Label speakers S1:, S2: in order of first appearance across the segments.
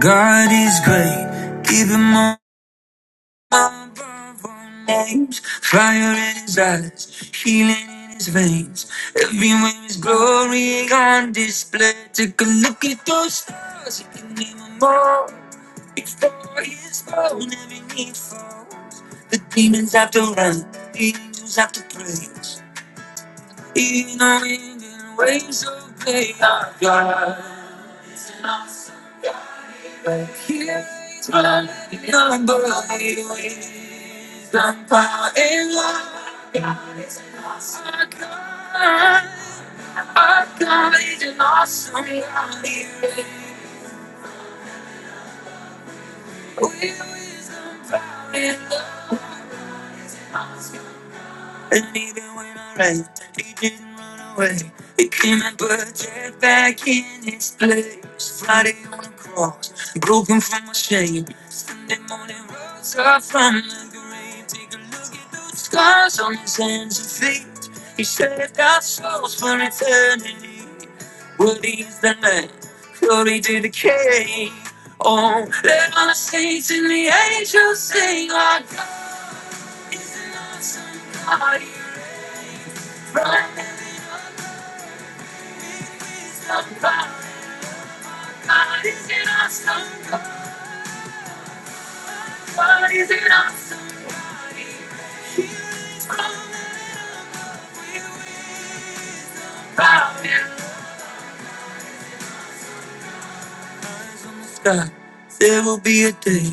S1: God is great. Keep him on my burn names. Fire in his eyes, healing in his veins. Everywhere is glory on display. Take a look at those stars. You can name them all. Before his throne, every knee falls. The demons have to run. The angels have to praise. Even the wind and waves obey our God. Here is my number. Thank you. And even when I ran, he didn't run away. Became a budget back in its place. Friday on the cross, broken from my shame. Sunday morning rose up from the grave. Take a look at those scars on his hands and feet. He saved our souls for eternity. What is the man? Glory to the King. Oh, let all the saints and the angels sing, Our God is an awesome God. But there is no power in God. Is it awesome? God, is it awesome? God, from the power. eyes on the sky. There will be a day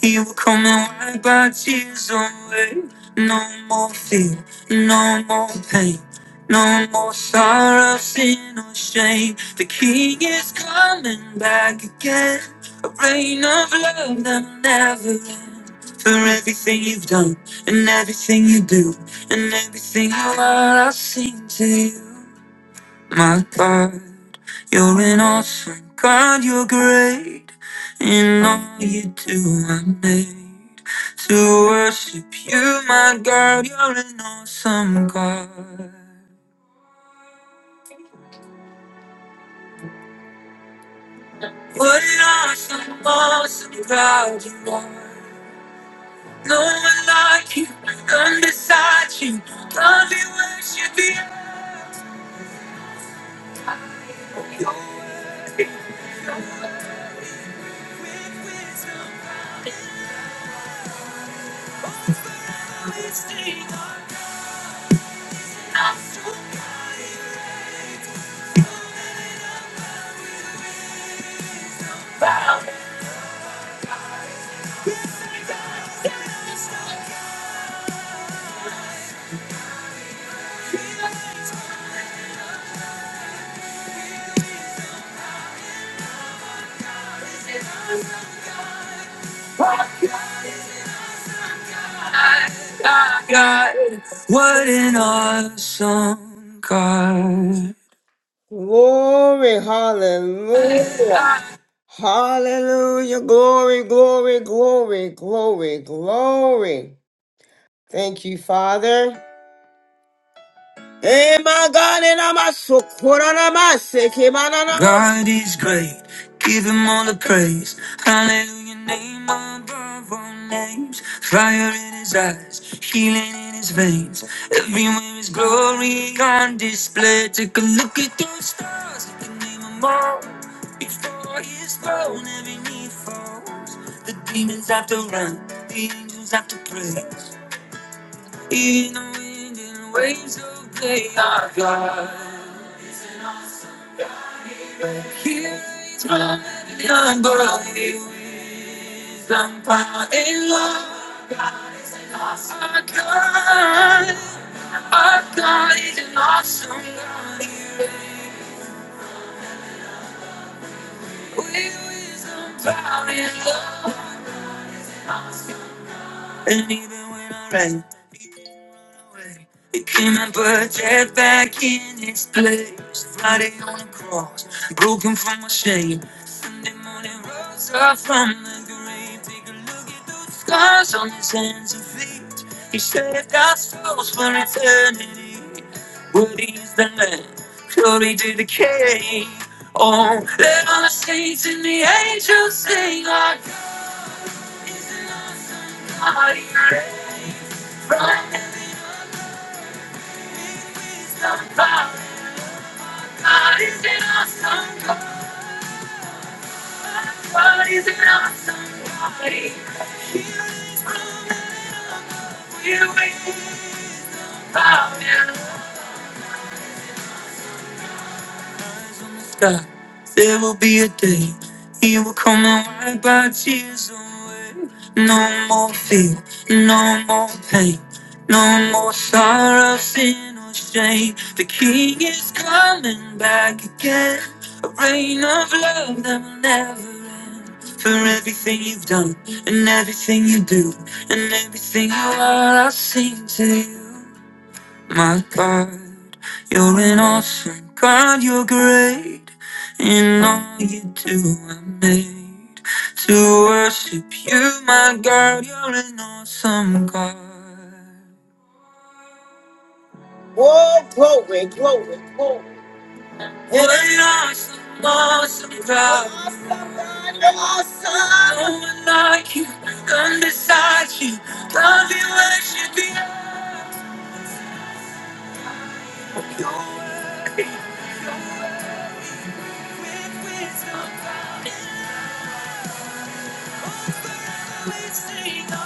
S1: he will come and wipe our tears away. No more fear, no more pain, no more sorrow, sin or shame. The King is coming back again. A reign of love that will never end. For everything you've done, and everything you do, and everything you are, I'll sing to you my God. You're an awesome God, you're great. In all you do, I'm made to worship you, my God. You're an awesome God. What an awesome, awesome God you are. No one like you, none beside you. None be worship you, God. What an awesome God. Glory, hallelujah, hallelujah, glory, glory, glory, glory, glory. Thank you, Father. Eh, God, so- is great. Give him all the praise. Hallelujah. Name above all names. Fire in his eyes. Healing in his veins. Everywhere is glory on display. Take a look at those stars. You can name them all. Before his throne, every knee falls. The demons have to run. The angels have to praise. In the wind and waves of day, our God. is an awesome King. Here is my unbelief, wisdom, power, and love. Our God, our God is an awesome God. Here With wisdom, power, and love. And even when I It cannot put death back in its place. Friday on the cross, broken from my shame. Sunday morning rose up from the grave. Take a look at those scars on his hands and feet. He saved our souls for eternity. Worthy is the Lamb, glory to the King. Oh, let all the saints and the angels sing, Our God, He reigns from heaven's above. God is in our song. Somebody's not somebody. We're waiting for now. eyes on the sky. There will be a day he will come and wipe our tears away. No more fear, no more pain, no more sorrow, sin or shame. The King is coming back again. A reign of love that will never end. For everything you've done, and everything you do, and everything you are, I sing to you. My God, you're an awesome God, you're great. In all you do, I'm made to worship you, my God, you're an awesome God. Oh, glory, glory, glory. What an awesome, awesome God. Awesome God, you're awesome. No one like you, none beside you. Love you, worship you, you're worthy. Sing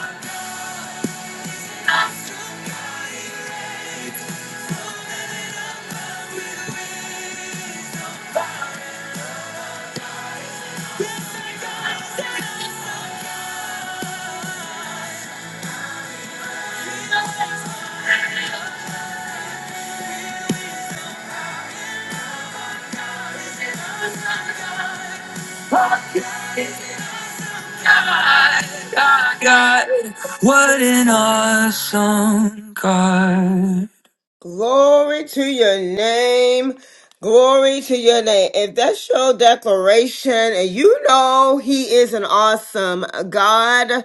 S1: God, God, God, what an awesome God. Glory to your name. Glory to your name. If that's your declaration and you know he is an awesome God,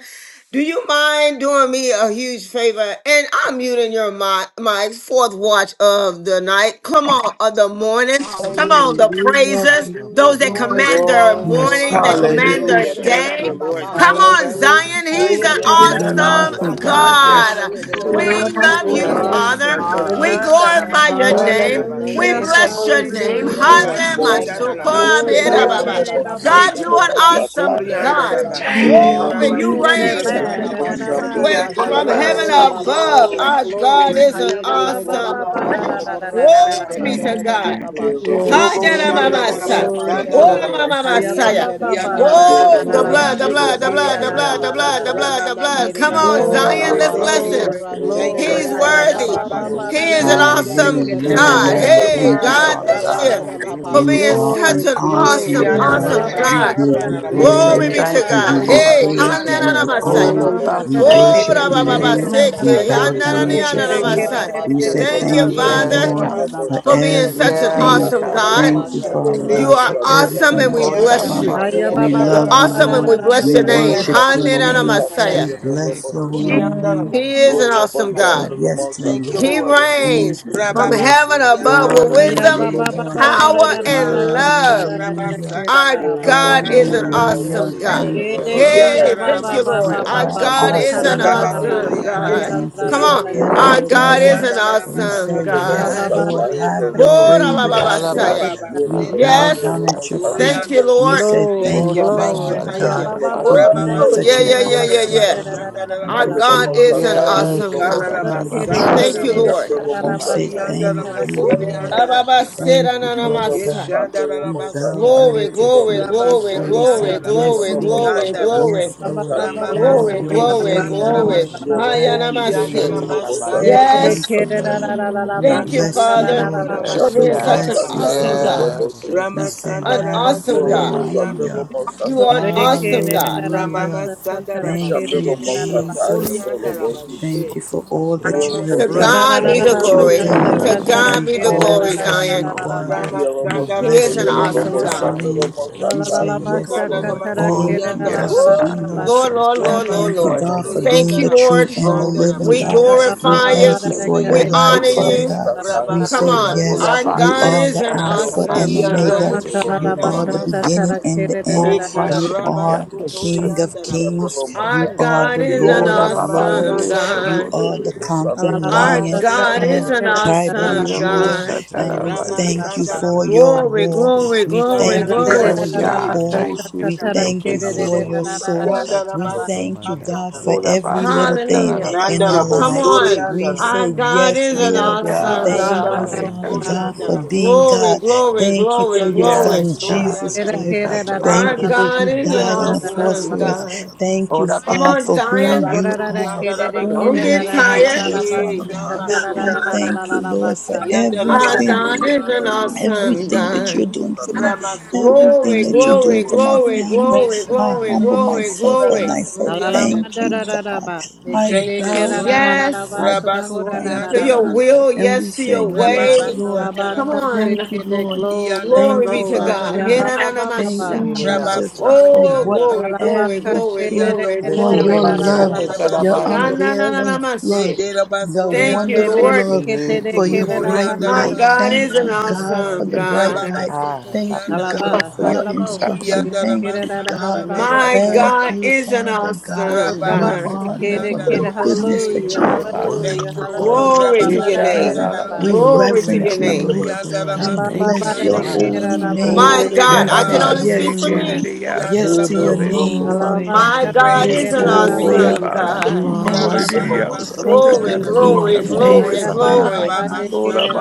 S1: do you mind doing me a huge favor? And I'm muting your mi- mic. Fourth watch of the night. Come on, of the morning. Come on, the
S2: Hallelujah.
S3: Hallelujah.
S1: praises.
S3: Thank
S2: Hallelujah.
S1: Those
S4: Oshoko
S1: that
S4: ba
S3: you,
S2: Glory to
S1: command
S4: yeke
S1: their
S4: ba
S5: Glory,
S2: God.
S6: Yes,
S5: glory.
S4: saka
S1: morning, that
S4: ba
S6: God. We
S1: command
S2: Hallelujah.
S4: saka.
S1: their
S7: Hallelujah.
S6: push it.
S7: Thank
S1: day.
S7: you,
S3: Jesus.
S4: Heke
S7: Lord
S4: ba
S1: Come on,
S7: Jesus.
S4: shoko
S2: Yedidididababashadagorra.
S4: ba
S5: Hallelujah,
S1: Zion. He's
S4: sheke
S1: an
S4: ba
S6: He's
S7: Orianda
S6: an
S5: hallelujah,
S4: sike ba
S6: awesome
S1: awesome
S7: basanda na
S4: saka.
S6: God.
S5: hallelujah.
S6: Yes.
S1: God.
S7: masete
S4: Heke
S5: Yes,
S7: urubu
S4: ba
S1: We
S5: he's
S1: love
S2: Yedididididababashadidididabashana.
S6: Lord,
S4: shoko
S5: an
S6: I
S1: you,
S4: ba
S6: will
S2: Yes.
S7: surianda.
S5: awesome
S1: Father.
S6: start
S4: yeke
S6: that
S5: God.
S1: We
S6: every-
S4: bata.
S7: Nanda na
S2: Hallelujah.
S1: glorify
S3: Thank
S1: your
S6: God,
S4: Hoko
S6: I
S7: masanda na
S1: name.
S2: Hallelujah.
S6: will
S4: ba
S2: Thank
S1: We
S6: check
S2: you,
S6: the
S5: Hallelujah,
S4: yeke
S7: basete.
S1: bless
S2: God.
S6: devil
S1: your
S6: and
S4: bataka.
S6: send
S1: name.
S3: you,
S2: We
S6: it back.
S5: hallelujah.
S2: glorify,
S1: Hane
S8: Oh,
S4: Hoko
S9: Jesus.
S7: Ramasanda
S4: ba
S7: na la
S2: magnify
S1: masokora
S2: you.
S4: yeke
S6: Lord
S8: Supreme,
S10: About
S4: ba
S1: beda
S8: the
S6: God,
S7: masurianda
S1: baba.
S7: la
S4: shaka
S8: robot,
S4: ba
S6: yes.
S10: determination,
S5: Eterabba,
S8: some
S7: basik.
S1: God, you
S4: sheke.
S1: are an
S8: robot,
S2: Yedidididababashadagorra.
S1: awesome
S8: Batara.
S6: we
S7: Ikorianda
S1: God.
S7: la
S6: say
S4: Heseki ba
S6: thank
S3: Jesus.
S6: you,
S8: yeah,
S2: Shedididididababashana.
S7: basata
S6: Lord
S4: yaka
S7: la
S1: Glory,
S8: robot,
S6: Jesus.
S4: ba
S1: you
S8: Supreme,
S4: shaka.
S7: basurianda
S8: the
S1: reign
S7: la.
S6: We
S5: yererabba,
S10: determination,
S8: robot, some
S4: Heke
S5: dadadabba,
S6: thank you
S8: robot,
S4: ba
S1: with,
S2: Yedididididababashadagorra.
S6: for
S7: Ianda
S5: deke-
S6: all
S7: la
S8: Batara.
S1: from
S6: of
S10: passion,
S7: la
S6: our
S4: saka
S1: heaven
S4: ba
S5: Glory,
S6: subjects.
S4: yeke
S7: masurianda
S1: above.
S4: ba
S7: la
S2: Shedididididababashana.
S5: glory,
S1: Our
S10: passion,
S4: shaka.
S1: God
S7: basik.
S5: glory.
S6: Yes,
S1: is an
S2: Yeah,
S4: Heke
S1: awesome.
S7: Ikorianda
S4: manda
S7: la
S4: koko
S7: basanda
S4: manda
S1: Glory
S10: not
S5: Hayabababababadadadadadadadabba.
S1: be to
S4: koko
S1: God.
S4: manda
S8: Yeah,
S4: shi.
S8: robot,
S7: Robo
S8: Supreme,
S6: God.
S1: Hane
S8: the
S6: We
S7: shanda
S5: Glory,
S1: mama
S8: robot,
S4: Eke
S7: la la
S6: push
S1: sa.
S6: it.
S5: glory,
S4: manda
S8: some
S7: masanda la
S1: Ora
S4: ko
S1: Haneramamasa.
S6: God.
S8: robot.
S5: glory.
S4: no shike
S1: Oramamamasaya.
S4: manda.
S7: Ianda la la
S8: Yeah,
S1: Oh, the
S8: robot,
S5: Hayababababadadadadadadabba,
S1: blood,
S8: some
S4: Toko
S1: the
S8: robot,
S1: blood, the
S4: manda
S1: blood,
S6: Yes.
S1: the
S4: manda
S8: Batara.
S1: blood,
S8: Yeah,
S5: sekeyarabba,
S6: Yes.
S1: the
S4: samanda
S1: blood,
S8: robot,
S1: the
S5: dadadabba.
S4: bam.
S1: blood,
S7: Rama
S1: the
S8: Supreme,
S7: mama
S1: blood. Come on,
S7: sanda la
S6: Lord, I-
S4: Esheka
S6: I-
S1: Zion,
S5: Glory,
S6: I-
S1: let's
S4: manta
S6: I-
S1: bless
S8: robot, some
S1: him.
S5: glory,
S4: kamanda.
S6: Yes, yes, yes, God.
S8: robot,
S7: Thank you,
S5: glory.
S1: He's
S4: Ese
S8: Batara.
S7: Lord.
S5: Hiya,
S6: yes, yes, God. yes,
S5: ma,
S1: worthy.
S6: it's
S8: Yeah,
S5: ma,
S4: seke
S7: Rababa
S5: ma,
S8: robot,
S5: ma,
S1: He
S5: na,
S4: banta
S5: na,
S1: is
S8: Supreme,
S5: de,
S1: an
S7: surianda la
S5: ki,
S4: kobanta
S5: shi, ki,
S1: awesome
S8: yeah,
S5: te, na,
S4: kobanta
S5: na,
S4: ka.
S1: God.
S8: robot,
S7: Thank
S11: Hallelujah.
S5: de,
S7: you,
S8: some
S5: de,
S1: Hey,
S5: na,
S11: Thank
S5: na,
S11: you,
S8: robot,
S5: na,
S7: Father.
S1: God,
S11: Father
S5: na.
S4: Eke
S1: thank
S6: a
S8: Batara.
S11: God.
S7: Rababa
S4: manda
S1: you
S6: God.
S4: koko
S1: for
S7: sete
S6: yes,
S11: You
S7: de
S1: being
S4: banta
S11: are an
S1: such
S5: Glory,
S7: robosa.
S1: an
S4: kobanda.
S10: afraid
S5: glory.
S11: awesome
S1: awesome,
S10: of
S8: Yeah,
S10: the
S7: Iana
S6: God.
S5: Hiya,
S7: na
S11: God.
S10: storm,
S5: ma,
S8: robot,
S7: na
S1: awesome
S5: ma,
S4: Eke
S11: We
S6: yes,
S5: ma,
S1: God.
S8: Supreme,
S5: ma,
S8: yeah,
S10: dreams,
S11: give
S4: manta
S5: na, na,
S8: robot,
S11: you
S8: some robot, Batara. Yeah,
S5: de,
S6: We
S2: Good
S5: de,
S8: robot,
S5: de,
S4: komanta
S6: so
S8: Supreme,
S1: Glory
S11: glory.
S5: de,
S1: be
S5: na,
S1: to
S6: thank
S4: kamanda.
S5: na,
S11: We
S6: you
S11: give
S1: God.
S5: na.
S11: you
S7: Robo
S6: for
S1: Hey,
S7: sori
S11: praise. We
S7: anda
S4: Eke
S11: give
S1: Hananana
S11: you
S5: La,
S4: manda
S5: la,
S1: Messiah.
S11: honor.
S6: holy
S5: la,
S11: We
S5: na, na,
S8: yeah,
S7: Thank
S5: ki,
S7: you,
S1: Oh,
S11: worship
S5: la,
S8: robot,
S11: your
S7: Lord.
S4: akashaka
S5: de, de,
S6: Bashatari.
S5: de,
S11: name.
S4: manda.
S5: na,
S7: Rababa
S5: na,
S8: some
S11: We
S5: na,
S8: robot,
S1: Rabababaseke,
S5: na.
S7: sende
S11: bow
S7: de
S5: Shi,
S11: down
S1: Hananani
S5: ki,
S8: Batara.
S7: robo
S11: at your
S5: te,
S1: Anana
S5: de,
S7: sori
S11: feet.
S5: ki, de,
S1: Messiah.
S7: anda
S5: de,
S7: na
S5: de,
S4: Ese
S11: We
S7: ba.
S5: de,
S4: ke
S8: Yellow
S11: say
S5: de, de,
S8: robot,
S1: Thank you,
S5: na,
S4: manda.
S11: thank
S5: na.
S11: you,
S6: Yes,
S1: Father,
S11: Lord,
S6: God.
S11: for
S1: for
S8: Chandalo
S1: being such an
S4: Oshaka
S7: Romo
S6: Yes,
S11: everything.
S7: mo
S1: awesome
S4: manda
S6: God.
S7: sori
S1: God.
S6: Equal
S11: Thank you,
S6: shut
S4: kobanta.
S11: Father
S1: You
S11: God,
S6: down.
S1: are
S11: for
S1: awesome
S4: Eke
S11: everything
S1: and we
S11: that
S6: Oh,
S11: you are
S4: teke
S7: Ianda
S4: ke.
S1: bless
S7: na
S11: doing.
S1: you.
S6: Tababa, you
S5: Hiya,
S6: were
S5: ma,
S11: We
S5: ma,
S7: basanda
S1: You're
S5: ma,
S6: shut
S11: love
S6: to
S5: ma,
S11: you,
S4: Eke
S6: the
S5: ma,
S1: awesome
S4: ke
S5: na,
S1: and
S11: Lord.
S5: na,
S1: we
S6: body.
S5: na, na,
S4: manta
S1: bless
S11: We
S1: your
S5: na, na,
S1: name.
S5: na,
S7: Ramama
S11: worship
S5: na, na.
S4: kamanda.
S11: your
S10: dreams,
S1: Hananana
S7: shotori
S11: name.
S7: anda
S1: Messiah.
S11: We
S6: Yes, God.
S11: bless
S4: Ekemanta
S11: your
S6: Equal shut.
S11: holy
S4: kamanda
S7: Ianda
S11: name.
S7: na
S4: nana
S1: He is an
S7: basori
S4: saka.
S1: awesome
S11: We say
S1: God.
S11: yes to you,
S7: Thank you,
S11: Lord.
S1: He
S4: Akamanda
S7: Lord.
S11: Thank
S1: reigns
S11: you,
S4: kokomanda
S1: from
S11: Lord.
S1: heaven above
S4: kokomasana.
S7: Rababasorianda
S1: with
S5: Hiya,
S1: wisdom,
S5: ma,
S7: Rabase.
S5: ma, ma,
S11: Hallelujah.
S5: ma, na, na, na,
S7: Thank
S1: power,
S4: Okomanda
S5: na,
S7: you,
S5: na,
S1: and
S4: sa.
S5: na,
S7: Father.
S5: ka, sha,
S1: love.
S5: na, na, na, na,
S11: Hallelujah.
S5: ki, na,
S7: Rabasanda
S1: Our
S5: na, na, na.
S1: God is
S7: Rabasanda
S1: an
S4: Asekomanta
S6: Yes,
S11: Hallelujah.
S1: awesome
S4: mana.
S7: Rabasete.
S1: God.
S6: God.
S11: Thank you,
S6: Equal shut
S11: Father
S6: to
S5: Erekeya
S1: Yay,
S7: Ianda
S6: the
S1: thank
S5: baba
S6: body.
S1: you,
S11: God.
S4: Esekemana
S11: You
S1: Lord.
S5: baba
S6: Step
S1: Our
S7: Ramasanda.
S6: that
S11: are
S5: baba
S6: your
S4: kamanda
S1: God
S6: body.
S4: na.
S1: is an
S11: awesome,
S6: Step
S5: satarararara
S11: God.
S6: that your
S1: awesome
S6: mind.
S11: I
S7: Rababasorianda
S1: God.
S5: basekeya
S11: thank you
S1: Come
S11: for
S1: on.
S4: Esekemana
S7: Rabasete.
S5: rarararara
S1: Our
S6: Holy
S4: saka.
S11: everything,
S1: God
S8: Masaka,
S11: Lord.
S1: is an
S7: Ianda
S6: Bashatari.
S11: We
S1: awesome
S11: said
S7: Ramasanda
S5: baba
S11: Yes,
S1: God.
S4: Esekemana
S11: Lord,
S5: baba
S11: have
S7: Rabasorianda
S8: Yellow
S1: Woo,
S11: your
S7: Rabas.
S4: sakamana.
S1: da,
S11: way
S1: ba,
S11: with
S1: ba,
S8: Robot,
S1: ba,
S11: us, Lord.
S1: saya.
S6: Alabasha,
S8: Yellow
S5: shakatarararara
S11: We
S4: Ekemanda
S7: Rababasende
S11: bow
S7: de
S6: Alabasha,
S1: Yes,
S11: down at your
S4: kabasakaman.
S6: Katabasha.
S11: feet.
S1: thank you,
S7: Rabosorianda.
S11: We
S1: Lord.
S11: say,
S5: glory
S7: Thank
S11: Thank
S7: you,
S6: Ora
S11: you,
S7: thank you,
S5: glory
S6: basha,
S11: Father
S4: Esekemana
S7: thank
S5: haya
S7: you.
S11: God,
S4: na.
S6: Tabata,
S5: baba
S1: Woo,
S11: for
S5: baba
S6: Basta,
S11: being
S7: Rabama
S5: rarararara
S11: such
S1: yeah,
S11: an
S1: yeah,
S4: Ese,
S1: yeah,
S7: Sorianda
S4: she
S1: yeah,
S11: awesome
S4: must be
S1: yeah.
S11: God
S6: Katabari,
S7: Rabashanda
S4: going
S1: Our
S4: April.
S11: that
S5: shakatarararara
S11: you
S7: Rabasete.
S1: God
S11: are.
S1: is an
S11: Thank
S6: Yes,
S1: awesome
S11: you,
S6: oh,
S11: Father
S7: Ikara
S1: God.
S5: ora
S6: that's a
S11: God. We
S6: ba- ba-
S5: kere
S4: Esekemana
S6: ba-
S7: masanda
S5: kere
S1: Thank
S11: trust
S1: you,
S11: you.
S6: yes,
S1: Lord.
S4: kamanda
S7: ramase.
S6: that's
S4: ka.
S6: a
S5: rarararara
S11: We
S6: ba-
S11: say,
S5: basa
S6: yes.
S7: Ianda
S11: Thank
S5: satara
S4: Hiki
S11: you,
S1: Woo,
S5: kere
S7: ramasori
S11: Lord.
S4: mana
S1: da,
S7: anda
S1: ba,
S4: koko
S1: ba,
S5: rarararara
S7: rabase.
S1: sit,
S4: that'd
S11: Thank
S1: da,
S4: be
S11: you,
S1: na, na, ma,
S11: Father
S4: nice.
S1: sa.
S11: God.
S7: Keshanda
S11: We bow
S7: rabasete.
S11: down
S1: Glory,
S11: at
S4: Ishiki
S11: your
S1: glory,
S11: feet.
S4: mana
S6: We
S1: glory,
S11: And
S4: koba
S6: say
S7: Ramasori
S11: we said,
S1: glory,
S7: anda
S6: thank
S4: shiki.
S6: you, Lord.
S11: Yes,
S1: glory,
S11: Lord.
S1: glory,
S7: ramasikanda
S4: Hiki
S7: ra.
S6: Yes.
S1: glory,
S11: Yes,
S4: mana
S5: baba
S11: Lord.
S5: baba
S4: koba
S5: baba
S11: Have
S4: teke.
S1: glory,
S11: your
S6: We
S7: Ramamasotori
S1: glory,
S6: say
S11: way,
S7: anda
S6: thank
S11: Lord.
S4: Hiki
S1: glory.
S7: ramashi.
S6: you,
S5: satarararara
S6: Lord.
S4: mana
S6: We
S11: Have your
S4: koko
S7: Ianda
S6: shout
S1: Hayanamasi.
S6: to
S11: way.
S4: mana
S6: the
S4: keba
S11: We
S6: Lord,
S7: ramasanda
S6: yes,
S4: shiko.
S1: Yes,
S11: thank you,
S5: Erekeya
S7: rabase.
S11: Lord.
S4: Hiki
S11: We
S5: rarararara
S1: thank
S4: bado
S1: you,
S7: Dando
S5: basa
S4: do
S11: bless you,
S4: koba
S1: Father,
S4: da
S7: bushanda
S11: Lord.
S4: da
S1: for
S6: Yes,
S4: da.
S11: We
S1: being such an
S6: God,
S7: ramasikana
S11: bless you,
S7: ramase.
S4: Hiki
S1: awesome
S11: Father
S1: God,
S4: bado
S11: God.
S6: yes,
S4: do
S6: oh,
S4: do
S11: We
S4: do
S6: that's a
S4: do
S11: said,
S6: ba-
S7: Ramasanda
S4: do
S1: an
S4: do
S6: yes,
S1: awesome
S4: koba
S6: that's a
S1: God.
S8: Yellow,
S4: shi.
S6: ba-
S7: rabasotori anda
S8: Sandra,
S11: Hallelujah.
S7: rabase.
S8: Monster,
S1: You are
S4: Hiki
S1: an
S5: Alabasta,
S4: basho
S1: awesome God.
S4: koba shiko
S11: Hallelujah.
S7: Ramama
S4: bashiko.
S11: Thank
S10: something
S11: you,
S10: to
S7: Sandarabasete
S10: believe in,
S11: Jesus.
S4: Hiki
S10: something to believe in.
S4: basho
S11: Thank
S7: Yakuriandarabashe.
S11: you for
S4: koba
S11: all that
S4: shiki.
S11: you
S1: To
S11: have done,
S7: Ramasete
S1: God be
S11: all
S1: the
S11: that you are
S1: glory.
S4: Hiki
S6: yes.
S11: doing.
S1: To
S7: Ramasoriandaraba.
S4: masho
S1: God
S11: We
S1: be
S4: koba
S1: the
S6: Oh,
S4: shika
S1: glory,
S11: glorify
S6: yes,
S11: you,
S1: Zion.
S4: bashika.
S6: Lord,
S11: God.
S6: yes.
S7: Rama
S8: Yellow,
S11: We
S6: Lord.
S1: He
S4: Ishiki
S1: is
S11: bless your
S1: an
S6: Eh,
S4: basho
S1: awesome
S6: that's a
S4: koba
S11: magnificent
S1: God.
S6: ba-
S7: Sandaramatoriandaraba.
S11: name.
S4: shika
S6: yes, thank
S11: We
S6: you.
S4: bashika.
S11: say, Yes, Lord.
S4: Heke
S11: Thank
S6: Oh,
S11: you,
S4: masaka
S1: Woo!
S11: God,
S6: yes,
S11: for
S7: Ikaramasoriandarabash.
S4: basaka
S6: God,
S11: being
S6: we say
S1: Lord,
S4: basa.
S11: awesome.
S1: Lord, Lord,
S6: thank
S7: Rama
S1: Lord,
S6: you,
S11: Thank you,
S9: Thank
S1: Lord.
S4: Heke
S11: God,
S6: Lord.
S9: you,
S11: for
S1: Thank
S11: being
S1: you,
S11: the
S4: masaka
S11: true
S1: Lord.
S11: and the
S4: basaka
S6: Glory
S11: living
S6: to
S1: We
S7: Sotoriandarabashandarabas.
S11: God.
S6: your
S4: basaka
S6: name,
S4: basa.
S11: We
S1: glorify
S6: Lord. We
S1: you.
S7: Thank
S11: thank you
S6: say
S7: you,
S11: for
S7: thank
S11: your
S1: We
S7: you,
S6: thank you,
S11: light,
S1: honor
S4: Heke
S6: Lord.
S7: Father.
S11: Father
S1: you.
S11: God.
S4: masaka
S11: We
S1: Come
S11: say,
S1: on.
S4: basaka
S6: Oh,
S1: Our
S11: Yes,
S4: basa.
S11: you
S1: God
S11: are
S7: Rabasoriandarabasete.
S1: is
S11: the
S1: an
S11: Alpha
S4: Ishaka
S11: and
S1: awesome
S4: mana
S11: Omega.
S1: God.
S4: shaka
S11: You
S4: mana.
S11: are the
S9: Father.
S11: beginning
S7: Iandoboshandarabasete.
S11: and the
S4: Hoko
S11: end.
S7: Eke
S11: You
S4: masaka ba
S11: are
S6: Vasharia,
S11: the
S6: the
S4: yeke
S11: King
S4: basi.
S11: of
S6: Shatari
S11: kings.
S7: Rabasutoriandarabashe.
S6: was
S1: Our
S11: You
S4: Hoko ba
S11: are
S1: God
S11: the
S1: is
S4: yeke
S1: an
S11: Lord
S6: Oda
S11: of
S7: Yanana
S6: Baba,
S4: basaka
S1: awesome
S11: lords.
S6: Yes,
S7: Masanda
S4: basa.
S6: so
S11: You
S6: for
S1: God.
S7: Rabase,
S11: are the
S6: the
S4: Hosaka
S11: conquering
S4: ba
S1: Our
S11: lion
S6: Jesus.
S4: yeke
S1: God is
S11: of
S1: an
S4: basaka
S7: Rabasotorianda
S11: tribe
S7: Rabas,
S4: basa.
S11: of
S1: awesome
S6: Beautiful
S11: Judah,
S1: God.
S11: and
S4: Ishake
S6: Satara,
S11: we thank
S4: mataka
S11: you
S6: yes,
S7: Ramasanda
S11: for
S4: mana.
S11: your
S7: Ramase,
S1: Glory,
S11: roar.
S1: glory,
S11: We
S4: Ishake
S1: glory,
S7: Shanda
S11: thank you
S4: mana
S1: glory.
S11: for
S5: Alabama,
S6: yes,
S4: koko
S11: your
S7: Ramasete,
S6: God,
S4: mana.
S11: pour.
S6: thank you
S11: We
S7: Koryanda,
S6: for your
S11: thank
S4: Hoko
S11: you
S6: goodness,
S11: for
S4: mana.
S6: Lord.
S11: your
S6: We got
S11: soar.
S7: Yanda
S6: such
S11: We
S4: Hoko
S7: Rabasa,
S11: thank you,
S4: mana
S11: God,
S7: Arianda
S11: for
S6: Lord,
S7: Rabas,
S6: I
S4: kamasi.
S6: bow,
S11: every little
S6: so that I
S11: thing
S1: Hallelujah.
S6: bow,
S11: in
S7: Nanda
S11: our
S6: you
S4: Hokomana
S1: Come
S6: say,
S11: lives.
S4: komba
S1: on.
S7: Rabosorianda
S11: We
S4: shike
S7: Rabas,
S1: Our
S11: say,
S1: God
S4: mancha.
S11: Yes,
S1: is an
S11: Lord.
S1: awesome
S6: Yes,
S4: Ishike
S11: Thank
S7: Sanda
S11: you,
S6: God, I
S1: God.
S4: mana
S11: Father
S6: got
S11: God,
S7: Rabosorianda
S11: for
S6: you.
S4: shokomana
S7: Rabas,
S11: being
S4: komba
S1: Glory,
S11: God.
S4: shaka.
S1: glory,
S11: Thank you for
S1: glory,
S11: your
S7: Yanda
S4: Ike
S1: glory.
S11: Son,
S6: Yes,
S4: mana
S6: God.
S11: Jesus
S7: Rabasorianda,
S6: In
S11: Christ.
S6: touch
S4: kokomana
S6: about
S1: Our
S11: Thank you
S4: kalashi.
S6: yes.
S11: that
S4: shi.
S11: He
S1: God is an
S11: died on
S7: Yanda
S11: the
S6: Jehovah.
S11: cross
S1: awesome
S11: for us.
S7: Bosorianda
S1: God.
S7: Rabas,
S4: Hokomana.
S11: Thank
S6: Oh,
S11: you,
S6: that
S1: Come
S6: about
S11: God,
S1: on,
S6: about
S11: for
S4: Yes,
S11: who
S6: yes.
S1: Zion.
S6: God.
S11: you
S4: Lord.
S11: are
S7: Rabasorianda
S4: Ashakama.
S11: who
S1: Don't
S11: you
S1: get
S7: Rabasete,
S11: are
S1: tired.
S11: to
S4: Ike,
S11: us,
S4: thank you
S7: Eh,
S11: Father
S4: for your
S11: God.
S12: Sure,
S4: healing.
S12: Yeah.
S11: I
S7: Yabasorianda,
S11: thank you, Lord, for
S4: Total
S7: Yanda
S1: Our
S4: divine
S6: Oh,
S11: everything.
S1: God
S4: healing.
S9: Thank
S1: is
S9: you,
S7: Rabasorianda
S1: an
S9: God.
S7: Rabas,
S1: awesome
S11: Everything that
S1: God.
S11: you're doing for
S4: Ike
S11: me,
S4: mana
S11: everything
S1: Glory,
S7: Ramasoriandaraba.
S11: that you're
S4: kokomana
S11: doing
S1: glory,
S4: shi.
S11: for
S9: Thank
S11: my
S1: glory,
S9: you,
S11: family,
S9: Jesus.
S7: Thank
S1: glory,
S7: you,
S4: Ike
S11: I
S1: glory,
S7: Father.
S11: humble
S4: mana
S1: glory,
S4: chaka.
S11: myself and
S1: glory.
S11: I say, Thank
S7: Ramasoriandaraba.
S11: you,
S4: Asakaman,
S11: God.
S4: thank you, Lord.
S11: I
S7: Thank you,
S11: bow
S7: Lord.
S4: Thank you,
S11: down,
S1: Yes
S4: Lord.
S11: I bow down at
S1: to
S11: your
S4: Hashakamana
S1: your
S4: la
S13: Thank
S11: feet,
S4: la.
S7: Rabasoriandarabase.
S1: will.
S11: and we
S1: Yes to
S11: say,
S1: your
S4: Ike
S11: Yes,
S14: Ando
S1: way.
S4: mana da
S11: Lord.
S1: Come
S5: Alabaka
S4: Takama
S7: Rababasandarabash.
S5: shake
S11: Thank
S1: on.
S11: you,
S4: Chaka.
S14: le le
S5: it,
S11: Lord.
S4: I am
S5: glory,
S1: Glory
S11: Thank you,
S4: not afraid. I
S1: be to
S5: glory.
S4: shall
S11: Father
S1: God.
S11: God.
S5: Yabba, ba, ba,
S7: Iandaramasandarabasete.
S5: ba,
S11: Thank
S5: ba,
S11: you,
S5: la,
S1: Hirananamasha.
S14: le
S5: la,
S14: le
S5: la,
S14: la
S5: la.
S11: Jesus,
S14: bakusi
S11: for
S1: Oh,
S14: le
S11: what
S1: glory,
S4: come.
S7: Rabasotoriandaraba.
S5: Hallelujah, hallelujah,
S1: glory, glory,
S11: everything,
S1: glory,
S14: le
S11: for
S14: te
S11: your
S1: glory.
S14: le le
S6: that's
S14: la
S6: so
S11: love,
S14: la
S6: good.
S4: I
S14: bakusi
S6: That
S11: your
S4: shall
S6: about
S7: Iandoboshotoriandarabasete.
S4: come.
S6: yes. That
S11: unveiling
S6: about yes.
S11: love,
S1: Shanananamashi.
S11: the
S1: Thank you,
S11: wonderful
S1: Lord.
S14: le
S7: Nederabasoriandaramase.
S11: love,
S14: le
S11: for
S14: le
S11: your
S14: le
S11: bright
S14: o
S1: Our
S11: light.
S1: God
S11: Thank
S1: is an
S11: you,
S7: Ikoriandaramasandarabat.
S6: Jehovah.
S11: God, for
S6: Oh,
S1: awesome
S11: the
S6: that
S11: bright
S1: God.
S11: light.
S14: ta la
S11: Thank you, God,
S7: Rababasotoriandarabas.
S11: for
S6: about
S11: your instruction. Thank you,
S14: bakusi
S11: God.
S14: le le
S1: My
S11: Thank
S1: God
S11: you,
S1: is
S7: Yandarabasandarabasoriyambabash.
S1: an
S11: Father God.
S1: awesome
S8: Yeah,
S11: You
S15: Praise
S1: God.
S11: are
S15: and
S11: the,
S14: le le
S11: what the
S15: praise
S4: He
S11: goodness
S4: shall
S7: Rababasoriyandarabashi.
S11: that
S6: yes.
S11: you
S4: come
S11: are,
S4: by
S14: something
S6: About
S15: the
S11: Lord.
S4: ye
S5: hallelujah,
S7: Thank
S15: name
S7: you,
S15: of
S7: Lord.
S15: hallelujah.
S5: hallelujah.
S1: Glory
S11: We
S6: we
S4: come.
S1: to your
S6: shall not
S11: present,
S1: name.
S6: allow the
S11: we
S4: O
S6: Holy
S7: Rababasandaramasi.
S4: come
S1: Glory
S4: by
S6: Ghost
S1: to
S6: to
S15: Glory,
S11: reverence
S1: your
S6: shut
S11: you,
S6: down.
S1: name.
S15: glory,
S11: Lord. We
S15: glory.
S5: Abba,
S15: Thank you,
S11: bless your
S14: wrong
S15: Jesus.
S11: holy
S7: Yandaramasoriyandarabashi.
S14: le le
S11: name.
S14: le
S1: My
S6: Oh, they
S7: Thank you,
S11: We
S6: did
S1: God, I can
S11: said
S6: about
S7: Father.
S1: only speak
S11: yes,
S6: sick.
S1: for
S6: They
S11: Lord.
S6: did
S15: Hallelujah.
S1: me.
S6: yes.
S14: le
S11: Yes
S6: So
S11: to
S14: le
S6: so,
S11: your
S6: they did.
S7: Yandaramasuto.
S14: broko
S11: name,
S6: a-
S11: Father
S15: Glory to
S11: God.
S1: My
S15: your
S1: God
S7: Great
S11: Yes
S1: is
S15: name.
S7: is
S11: to
S1: an
S14: le le
S7: thy
S11: your
S14: le
S6: Oh, they
S14: la le le le la
S11: way,
S1: awesome
S7: faithfulness.
S11: God.
S6: bas.
S15: You
S1: God.
S6: Oh,
S15: are
S11: Thank
S6: they
S11: you,
S6: did
S11: God.
S15: awesome.
S6: yes.
S11: Thank
S6: That
S11: you,
S1: Glory,
S11: God,
S14: Thank
S11: that
S15: You
S11: we
S15: are
S1: glory,
S7: Rababababasoriyandarabashi.
S4: Okobashike
S8: Thank
S11: you woke
S1: glory,
S11: us
S4: Masaka
S11: up
S6: yes.
S11: in
S15: faithful.
S11: our right
S1: glory.
S4: Masaka
S11: mind.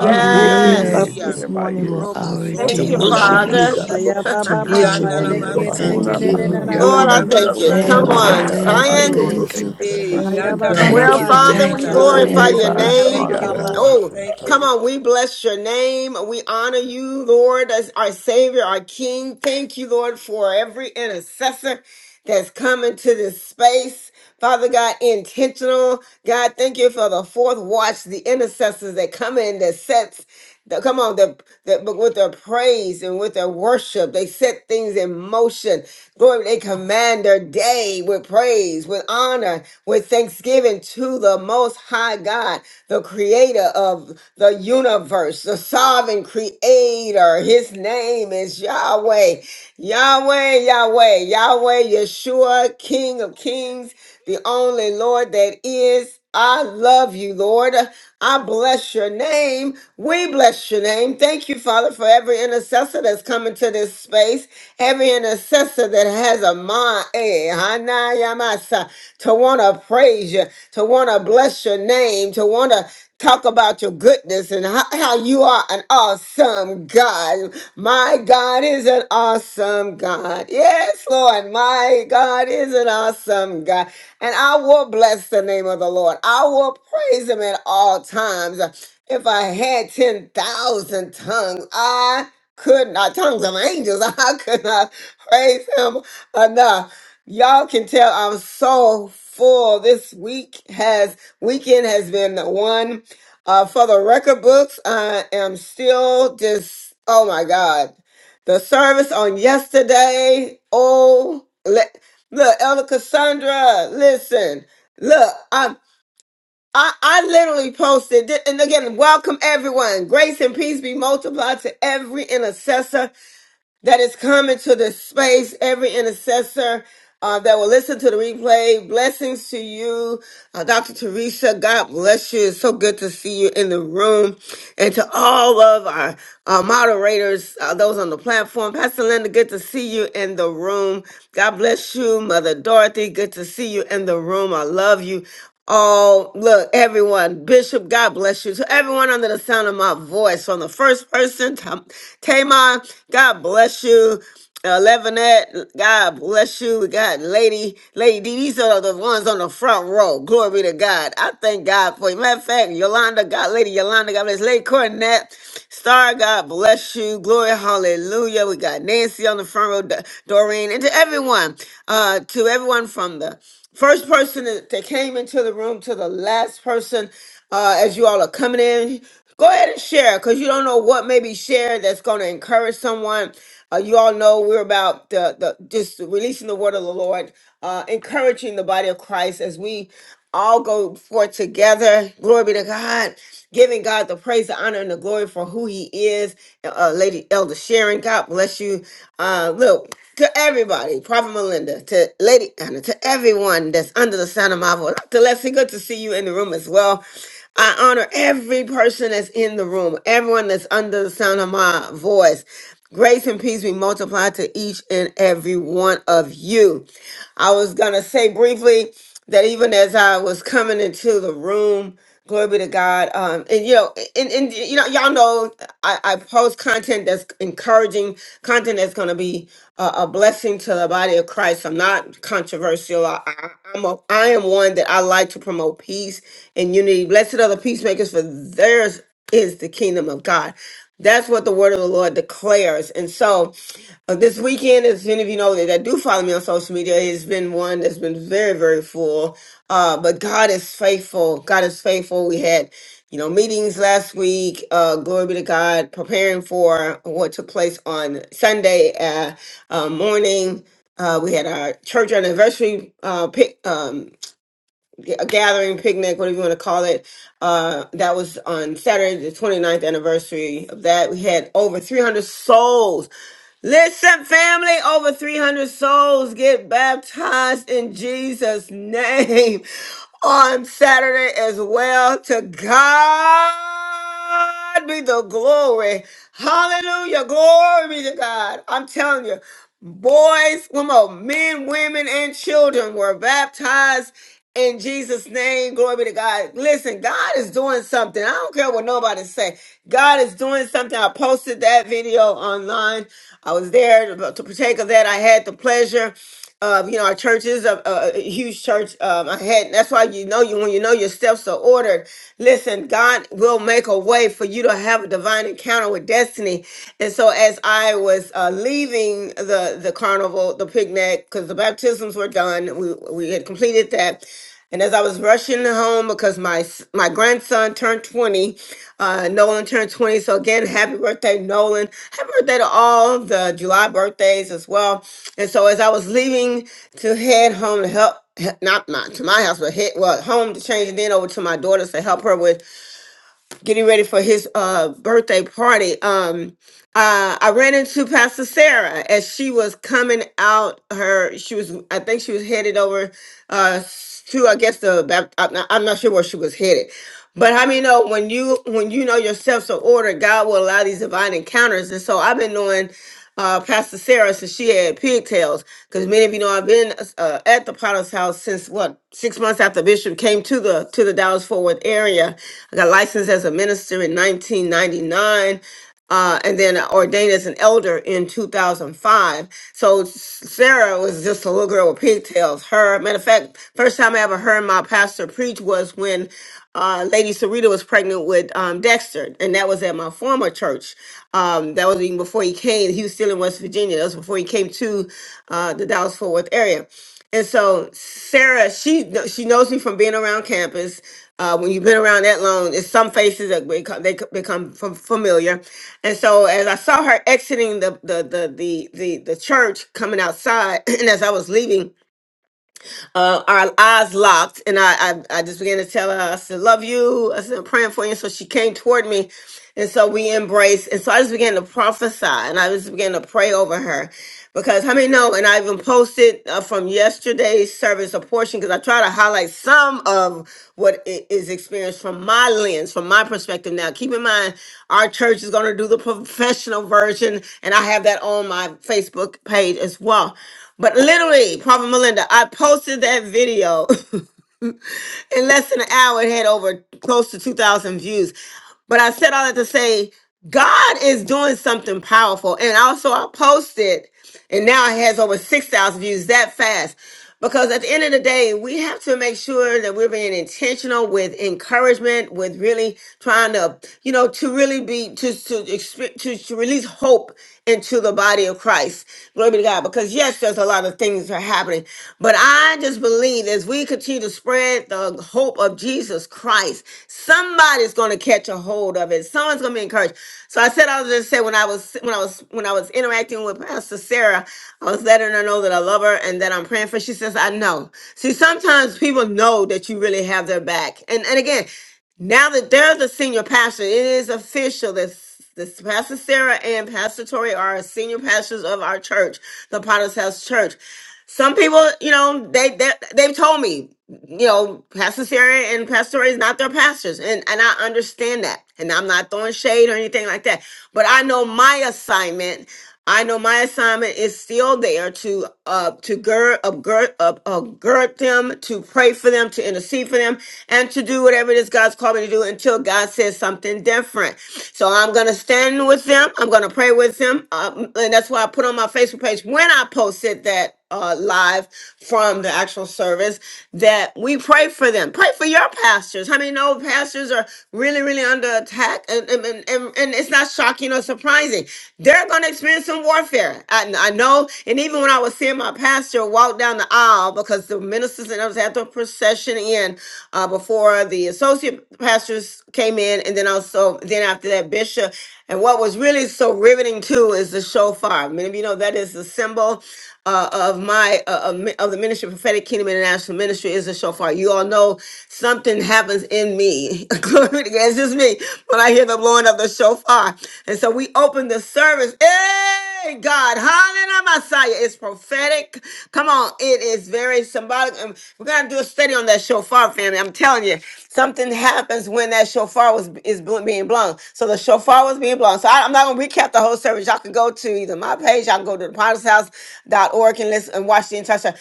S11: You
S15: You
S11: woke me
S4: AKKK
S15: live.
S6: arere
S11: up this morning
S15: You
S6: terebaye
S15: are our
S6: so
S11: to
S1: Thank
S4: Ashake
S1: you,
S15: Redeemer. We
S11: worship
S6: karabaye
S11: you,
S4: Manaka
S15: know
S1: Father.
S11: God,
S7: Robosoriyandarabashi.
S5: Aya ba ba
S4: Masaka
S11: to
S5: ba
S6: satarabaye
S5: ba
S15: Redeemer
S11: worship
S5: de
S14: you,
S5: de
S11: you
S15: live.
S5: ke
S15: We
S5: de
S14: Lord.
S5: de
S11: and
S7: Yandaramasan.
S11: to
S5: de
S6: una
S15: thank
S5: de
S11: give
S5: de
S11: you
S13: you.
S5: da
S4: Hakamanaka
S15: you.
S5: da
S6: matia
S5: ba.
S1: Lord, I
S11: glory.
S6: rarare
S4: Masika
S1: thank you.
S11: Thank
S1: Come
S6: bosi
S15: Thank
S11: you,
S15: you.
S1: on,
S11: God,
S7: Ramasandarabashi.
S11: for
S15: Thank
S14: Thank
S11: the
S15: you.
S1: Zion.
S6: karabaye
S11: glory.
S15: Thank
S6: se
S15: you.
S4: Wasaka
S7: Hey,
S11: Thank
S5: Aya
S6: katabaye
S11: you,
S5: ba
S4: Masika
S5: ba
S11: God,
S7: yandarabo,
S5: ba
S11: for
S1: Well,
S5: ba
S15: Thank
S11: the
S15: you.
S4: Masika
S5: ha
S7: sorry,
S5: la
S1: Father,
S11: glory.
S5: la
S1: we
S15: Thank
S5: la
S15: you.
S5: ba
S7: yandarabo.
S5: ha
S1: glorify
S6: ore
S5: sha
S15: Thank
S1: your
S11: Thank
S5: ka
S11: you,
S5: la
S15: you.
S6: basi
S5: la
S1: name.
S5: la
S7: Thank
S11: Father
S7: you,
S5: la
S6: arere.
S5: ba.
S11: God.
S7: Lord.
S1: Oh,
S7: Thank
S8: you.
S4: Hokosaka
S7: you,
S1: come
S7: Lord.
S1: on. We bless your name. We honor you, Lord, as our Savior, our King. Thank you, Lord, for every intercessor that's come into this space. Father God, intentional. God, thank you for the fourth watch, the intercessors that come in that sets the, come on, the, the, but with their praise and with their worship, they set things in motion. Glory, they command their day with praise, with honor with thanksgiving to the Most High God, the creator of the universe, the sovereign creator. His name is Yahweh. Yahweh, Yahweh, Yahweh, Yeshua, King of Kings, the only Lord that is. I love you, Lord. I bless your name. We bless your name. Thank you, Father, for every intercessor that's coming to this space. Every intercessor that has a mind eh, hanayamasa, to want to praise you, to want to bless your name, to want to talk about your goodness and how, how you are an awesome God. My God is an awesome God. Yes, Lord, my God is an awesome God. And I will bless the name of the Lord. I will praise him at all times. If I had 10,000 tongues, I could not tongues of angels. I could not praise him enough. Y'all can tell I'm so full. This week has weekend has been one uh, for the record books. I am still just oh my god. The service on yesterday. Oh, le- look, Elder Cassandra. Listen, look, I'm. I, I literally posted, thi- and again, welcome everyone. Grace and peace be multiplied to every intercessor that is coming to this space, every intercessor uh, that will listen to the replay. Blessings to you, uh, Dr. Teresa. God bless you. It's so good to see you in the room. And to all of our uh, moderators, uh, those on the platform. Pastor Linda, good to see you in the room. God bless you, Mother Dorothy. Good to see you in the room. I love you. Oh, look, everyone, Bishop, God bless you. To everyone under the sound of my voice, from the first person to Tamon, God bless you. Uh, Levinette, God bless you. We got Lady, Lady D. These are the ones on the front row. Glory to God. I thank God for you. Matter of fact, Yolanda, God, Lady Yolanda, God bless. Lady Cornette, Star, God bless you. Glory, hallelujah. We got Nancy on the front row, Do- Doreen, and to everyone, uh, to everyone from the first person that that came into the room to the last person uh, as you all are coming in go ahead and share because you don't know what may be shared that's going to encourage someone uh, you all know we're about the, the just releasing the word of the lord uh, encouraging the body of christ as we all go forth together glory be to god giving god the praise the honor and the glory for who he is uh, lady elder sharon god bless you uh, look to everybody prophet melinda to lady anna to everyone that's under the sound of my voice dr leslie good to see you in the room as well I honor every person that's in the room, everyone that's under the sound of my voice. Grace and peace be multiplied to each and every one of you. I was going to say briefly that even as I was coming into the room, glory be to God. Um, and you know, and, and you know, y'all know I, I post content that's encouraging, content that's going to be a, a blessing to the body of Christ. I'm not controversial. I, I, I'm a, I am one that I like to promote peace and unity. Blessed are the peacemakers, for theirs is the kingdom of God. That's what the word of the Lord declares. And so uh, this weekend, as many of you know that, that do follow me on social media, it's been one that's been very, very full. Uh, but God is faithful. God is faithful. We had, you know, meetings last week. Uh, glory be to God, preparing for what took place on Sunday uh, uh, morning. Uh, we had our church anniversary uh, pick, a gathering, picnic, whatever you want to call it. Uh, that was on Saturday, the 29th anniversary of that. We had over 300 souls. Listen, family, over 300 souls get baptized in Jesus' name on Saturday as well. To God be the glory. Hallelujah. Glory be to God. I'm telling you, boys, women, oh, men, women, and children were baptized in Jesus' name. Glory be to God. Listen, God is doing something. I don't care what nobody say. God is doing something. I posted that video online. I was there to to partake of that. I had the pleasure um, you know, our church is a, a a huge church um, ahead. That's why you know you when you know your steps are ordered. Listen, God will make a way for you to have a divine encounter with destiny. And so, as I was uh, leaving the the carnival, the picnic, because the baptisms were done, we we had completed that. And as I was rushing home because my s- my grandson turned 20, uh, Nolan turned 20. So again, happy birthday, Nolan. Happy birthday to all the July birthdays as well. And so as I was leaving to head home to help, not my, to my house, but head well home to change, and then over to my daughter's to help her with getting ready for his uh birthday party um uh i ran into pastor sarah as she was coming out her she was i think she was headed over uh to i guess the Bap- i'm not, I'm not sure where she was headed but how many know when you when you know yourself so are ordered god will allow these divine encounters and so i've been knowing uh, Pastor Sarah since she had pigtails. Because many of you know I've been uh, at the Potter's house since what six months after Bishop came to the to the Dallas Forward area, I got licensed as a minister in 1999. Uh, and then ordained as an elder in 2005. So Sarah was just a little girl with pigtails. Her, matter of fact, first time I ever heard my pastor preach was when uh, Lady Sarita was pregnant with um, Dexter, and that was at my former church. Um, that was even before he came. He was still in West Virginia. That was before he came to uh, the Dallas Fort Worth area. And so Sarah, she kn- she knows me from being around campus uh, when you've been around that long, it's some faces that become, they c- become fam- familiar. And so, as I saw her exiting the the the the the, the church, coming outside, and as I was leaving, uh, our eyes locked, and I, I I just began to tell her, I said, "Love you." I said, "I'm praying for you." So she came toward me, and so we embraced, and so I just began to prophesy, and I just began to pray over her, because how many know? And I even posted uh, from yesterday's service a portion because I try to highlight some of what i- is experienced from my lens, from my perspective. Now, keep in mind our church is going to do the professional version, and I have that on my Facebook page as well. But literally, Prophet Melinda, I posted that video in less than an hour, it had over close to 2,000 views. But I said all that to say, God is doing something powerful. And also, I posted, and now it has over 6,000 views that fast. Because at the end of the day, we have to make sure that we're being intentional with encouragement, with really trying to, you know, to really be to to exp- to, to release hope into the body of Christ. Glory be to God. Because yes, there's a lot of things that are happening. But I just believe as we continue to spread the hope of Jesus Christ, somebody's gonna catch a hold of it. Someone's gonna be encouraged. So I said I was just say when I was when I was when I was interacting with Pastor Sarah, I was letting her know that I love her and that I'm praying for. her. She says, I know. See, sometimes people know that you really have their back. And and again, now that they're the senior pastor, it is official that this Pastor Sarah and Pastor Tori are senior pastors of our church, the Potter's House Church. Some people, you know, they they they've told me, you know, Pastor Sarah and Pastor Tori is not their pastors, and and I understand that, and I'm not throwing shade or anything like that. But I know my assignment I know my assignment is still there to uh to gird uh, gird uh, uh, gird them, to pray for them, to intercede for them, and to do whatever it is God's called me to do until God says something different. So I'm gonna stand with them. I'm gonna pray with them, um, and that's why I put on my Facebook page when I posted that uh, live from the actual service that we pray for them. Pray for your pastors. How many know pastors are really, really under attack? And, and, and, and and it's not shocking or surprising. They're going to experience some warfare. I, I know. And even when I was seeing my pastor walk down the aisle, because the ministers and others had the procession in uh, before the associate pastors came in, and then also then after that bishop. And what was really so riveting too is the shofar. Many of you know that is the symbol uh, of my uh, of of the ministry, prophetic kingdom international ministry, is a shofar. You all know something happens in me. Glory to God. It's just me when I hear the blowing of the shofar. And so we open the service. Hey, God, hallelujah, Messiah. It's prophetic. Come on, it is very symbolic. And we're gonna do a study on that shofar, family. I'm telling you, something happens when that shofar shofar was is bl- being blown. So the shofar was being blown. So I, am not gonna recap the whole service. Y'all can go to either my page, y'all can go to the potter's house dot org and listen and watch the entire show.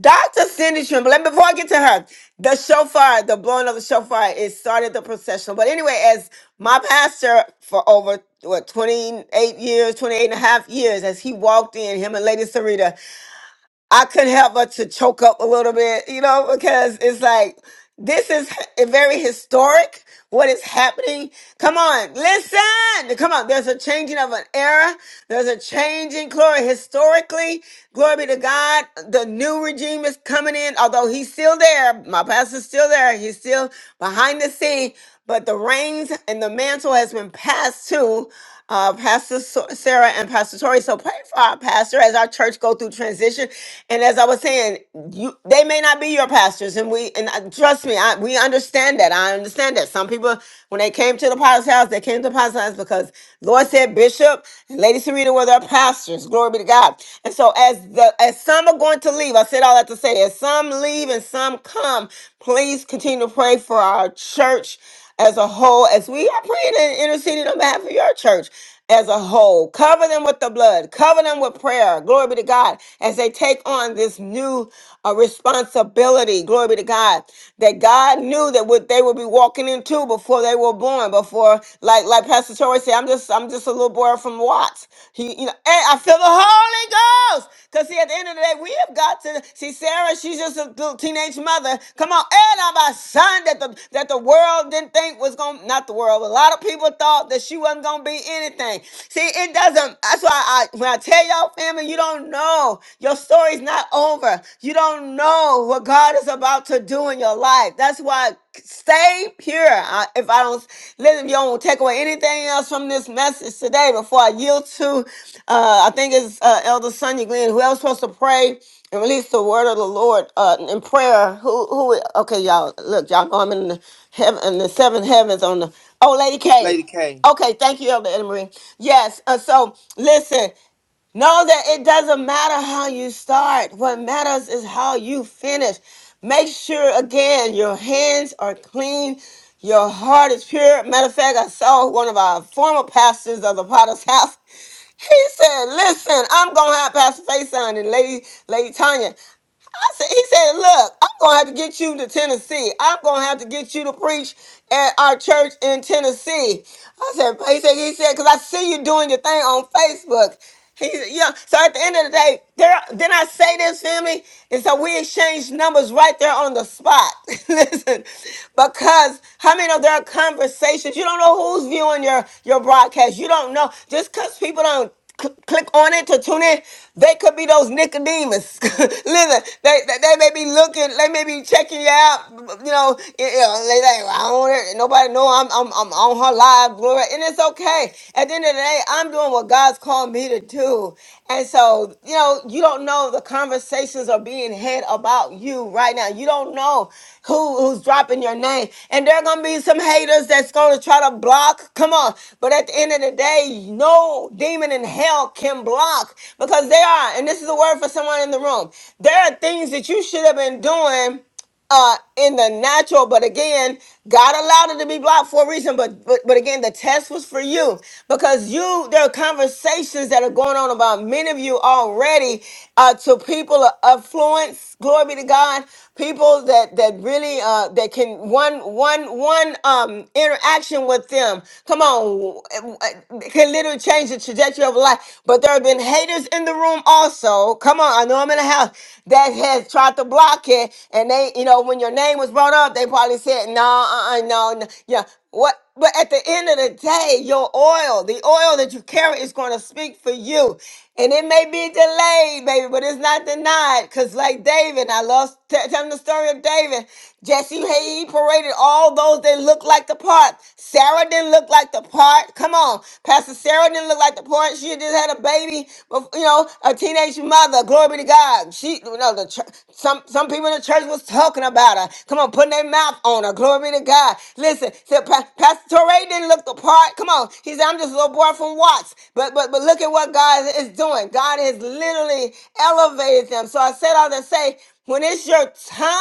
S1: Dr. Cindy Trimble, and before I get to her, the shofar, the blowing of the shofar, it started the procession. But anyway, as my pastor for over what 28 years, 28 and a half years, as he walked in, him and Lady Sarita I couldn't help but to choke up a little bit, you know, because it's like this is h- very historic. What is happening? Come on, listen. Come on. There's a changing of an era. There's a changing glory historically. Glory be to God. The new regime is coming in, although he's still there. My pastor's still there. He's still behind the scene. But the reins and the mantle has been passed to uh, Pastor So- Sarah and Pastor Tori. So pray for our pastor as our church go through transition. And as I was saying, you they may not be your pastors, and we and uh, trust me, I, we understand that. I understand that some people when they came to the pastor's house, they came to the pastor's house because Lord said Bishop and Lady Serena were their pastors. Glory be to God. And so as the as some are going to leave, I said all that to say, as some leave and some come, please continue to pray for our church as a whole, as we are praying and interceding on behalf of your church as a whole. Cover them with the blood, cover them with prayer. Glory be to God as they take on this new uh, responsibility. Glory be to God that God knew that what they would be walking into before they were born. Before, like like Pastor Torrey said, I'm just I'm just a little boy from Watts. He, you know, and I feel the Holy Ghost because see, at the end of the day, we have got to see. Sarah Sarah, she's just a little teenage mother. Come on, and I'm a son that the that the world didn't think was gonna not the world, but a lot of people thought that she wasn't gonna be anything. See, it doesn't. That's why I when I tell y'all family, you don't know. Your story's not over. You don't know what God is about to do in your life. That's why stay pure. I, if I don't listen, you don't take away anything else from this message today. Before I yield to, uh, I think it's uh, Elder Sonia Glenn. Who else supposed to pray? and release the word of the Lord uh, in prayer. Who, who? Okay, y'all. Look, y'all know I'm in the heaven, in the seven heavens. On the oh, Lady K.
S7: Lady K.
S1: Okay, thank you, Elder Anna Marie. Yes. Uh, so listen. Know that it doesn't matter how you start. What matters is how you finish. Make sure again your hands are clean. Your heart is pure. Matter of fact, I saw one of our former pastors of the Potter's House. He said, "Listen, I'm gonna have Pastor Faison and Lady Lady Tanya. I said, he said, look, I'm gonna have to get you to Tennessee. I'm gonna have to get you to preach at our church in Tennessee. I said, he said, he said, because I see you doing your thing on Facebook. He's young. So at the end of the day, there then I say this, family, and so we exchange numbers right there on the spot. Listen, because how many of their conversations, you don't know who's viewing your your broadcast. You don't know just because people don't cl- click on it to tune in, they could be those Nicodemus. Listen, they, they they may be looking, they may be checking you out. You know, you know, they like, "Well, I don't want it. nobody know I'm I'm I'm on her live, glory. And it's okay. At the end of the day, I'm doing what God's called me to do. And so, you know, you don't know the conversations are being had about you right now. You don't know who who's dropping your name. And there are gonna be some haters that's gonna try to block. Come on. But at the end of the day, no demon in hell can block because they are, and this is a word for someone in the room. There are things that you should have been doing uh in the natural but again god allowed it to be blocked for a reason but, but but again the test was for you because you there are conversations that are going on about many of you already uh to people of affluence glory be to god people that that really uh that can one one one um interaction with them come on it can literally change the trajectory of life but there have been haters in the room room also. Come on, I know I'm in a house that has tried to block it, and they, you know, when your name was brought up, they probably said, "No, uh, uh no, no, yeah." What? But at the end of the day, your oil, the oil that you carry, is going to speak for you, and it may be delayed, baby, but it's not denied. Cause like David, I love t- telling the story of David. Jesse, hey, he paraded all those that looked like the part. Sarah didn't look like like the part. Come on. Pastor Sarah didn't look like the part. She just had a baby, bef- you know, a teenage mother. Glory be to God. She, you know, the church, some, some people in the church was talking about her. Come on, putting their mouth on her. Glory be to God. Listen, said Pa- Pastor Torrey didn't look the part. Come on. He said, I'm just a little boy from Watts. But, but, but look at what God is doing. God has literally elevated them. So I said all that to say, when it's your time,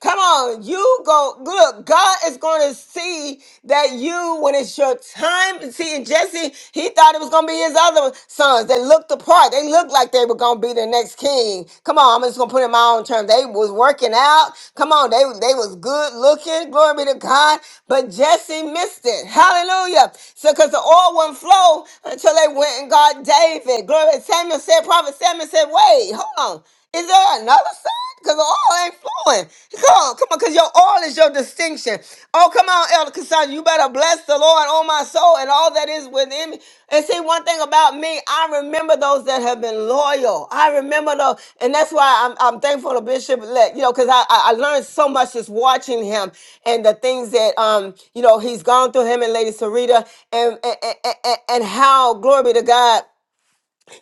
S1: Come on, you go. Look, God is going to see that you, when it's your time. See, and Jesse, he thought it was going to be his other sons. They looked the part. They looked like they were going to be the next king. Come on, I'm just going to put it in my own terms. They was working out. Come on, they they was good looking. Glory be to God. But Jesse missed it. Hallelujah. So, because the oil wouldn't flow until they went and got David. Glory. Samuel said, Prophet Samuel said, "Wait, hold on." Is there another side? Because the oil ain't flowing. Come on, come on, because your oil is your distinction. Oh, come on, Elder Cassandra. You better bless the Lord on my soul and all that is within me. And see, one thing about me, I remember those that have been loyal. I remember those. And that's why I'm, I'm thankful to Bishop, Elect, you know, because I, I I learned so much just watching him and the things that, um, you know, he's gone through him and Lady Sarita and, and, and, and and how, glory be to God,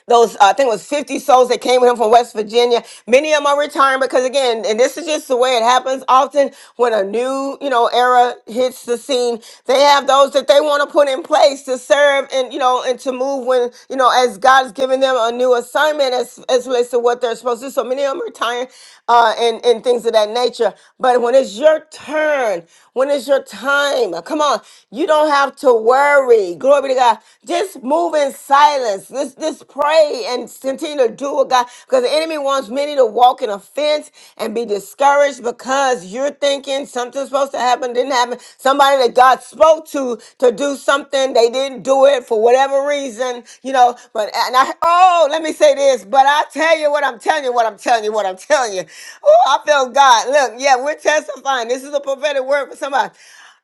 S1: those uh, I think it was 50 souls that came with him from West Virginia. Many of them are retiring because again, and this is just the way it happens often when a new, you know, era hits the scene, they have those that they want to put in place to serve and you know and to move when, you know, as God's giving them a new assignment as as relates to what they're supposed to do. So many of them are retiring uh, and, and things of that nature. But when it's your turn, when it's your time, come on, you don't have to worry. Glory be to God. Just move in silence. Just, just pray and continue to do what God, because the enemy wants many to walk in offense and be discouraged because because you're thinking something's supposed to happen, didn't happen. Somebody that God spoke to to do something, they didn't do it for whatever reason, you know. But and I oh, let me say this, but I tell you what I'm telling you, what I'm telling you, what I'm telling you. Oh, I feel God. Look, yeah, we're testifying. This is a prophetic word for somebody.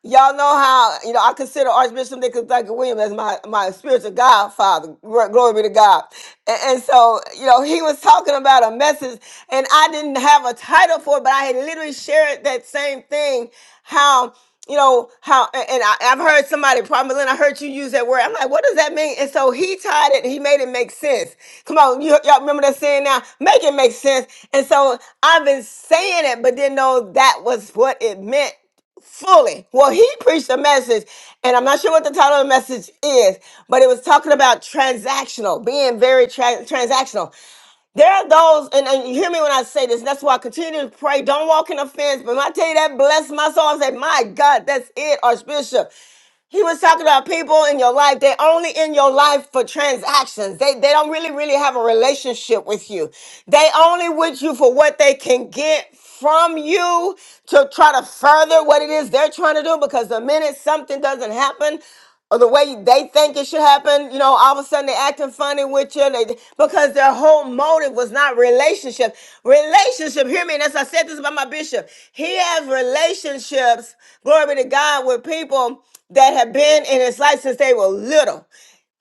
S1: Y'all know how you know I consider Archbishop Nicholas Duncan Williams as my my spiritual godfather. Gl- Glory be to God. And and so, you know, he was talking about a message, and I didn't have a title for it, but I had literally shared that same thing. How, you know, how, a- and I, I've heard somebody, probably Lynn, I heard you use that word. I'm like, what does that mean? And so he tied it, he made it make sense. Come on, you, y'all remember that saying now? Make it make sense. And so I've been saying it, but didn't know that was what it meant fully. Well, he preached a message, and I'm not sure what the title of the message is, but it was talking about transactional, being very tra- transactional. There are those, and, and you hear me when I say this, and that's why I continue to pray. Don't walk in offense, but when I tell you that, bless my soul. I say, my God, that's it, Archbishop. He was talking about people in your life. They're only in your life for transactions. They, they don't really, really have a relationship with you. They only with you for what they can get from you to try to further what it is they're trying to do because the minute something doesn't happen, or the way they think it should happen. You know, all of a sudden they acting funny with you they, because their whole motive was not relationship. Relationship, hear me, and as I said this about my bishop, he has relationships, glory be to God, with people that have been in his life since they were little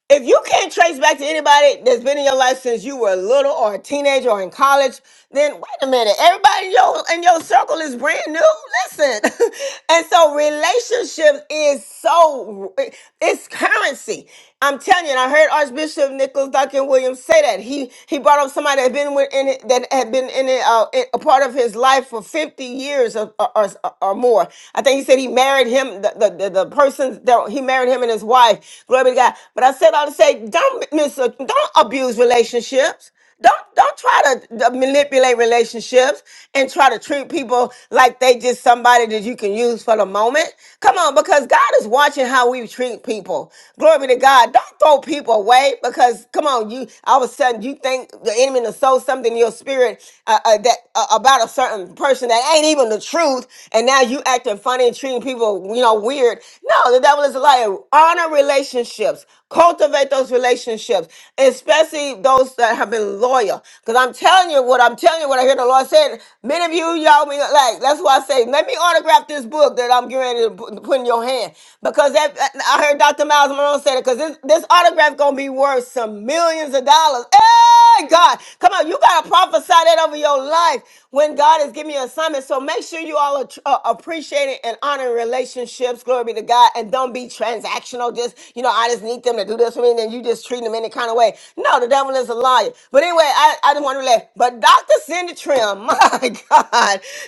S1: if you can't trace back to anybody that's been in your life since you were little or a teenager or in college, then wait a minute. Everybody in your, in your circle is brand new. Listen. and so relationships is so, it's currency. I'm telling you, and I heard Archbishop Nicholas Duncan Williams say that. He he brought up somebody that been with, in it, that had been in it, uh, in- a part of his life for 50 years or, or, or, or more. I think he said he married him, the, the, the, the person that he he married him and his wife. Glory be to God. But I said all to say, don't mis- don't abuse relationships. Don't don't try to to manipulate relationships and try to treat people like they just somebody that you can use for the moment. Come on, because God is watching how we treat people. Glory be to God. Don't throw people away because come on, you all of a sudden you think the enemy has sow something in your spirit uh, uh, that uh, about a certain person that ain't even the truth, and now you acting funny and treating treating people, you know, weird. No, the devil is a liar. Honor relationships. Cultivate those relationships, especially those that have been loyal. Because I'm telling you what I'm telling you what I hear the Lord saying. Many of you, y'all, be like that's why I say, let me autograph this book that I'm getting ready to put put in your hand. Because that, I heard Dr. Miles Monroe say it. Because this, this autograph gonna be worth some millions of dollars. Hey! Hey, God. Come on, you got to prophesy that over your life when God is giving you assignment. So make sure you all are tr- uh, appreciating and honoring relationships. Glory be to God. And don't be transactional. Just, you know, I just need them to do this for me and then you just treat them any kind of way. No, the devil is a liar. But anyway, I, I just want to relate. But Dr. Cindy Trim, my God.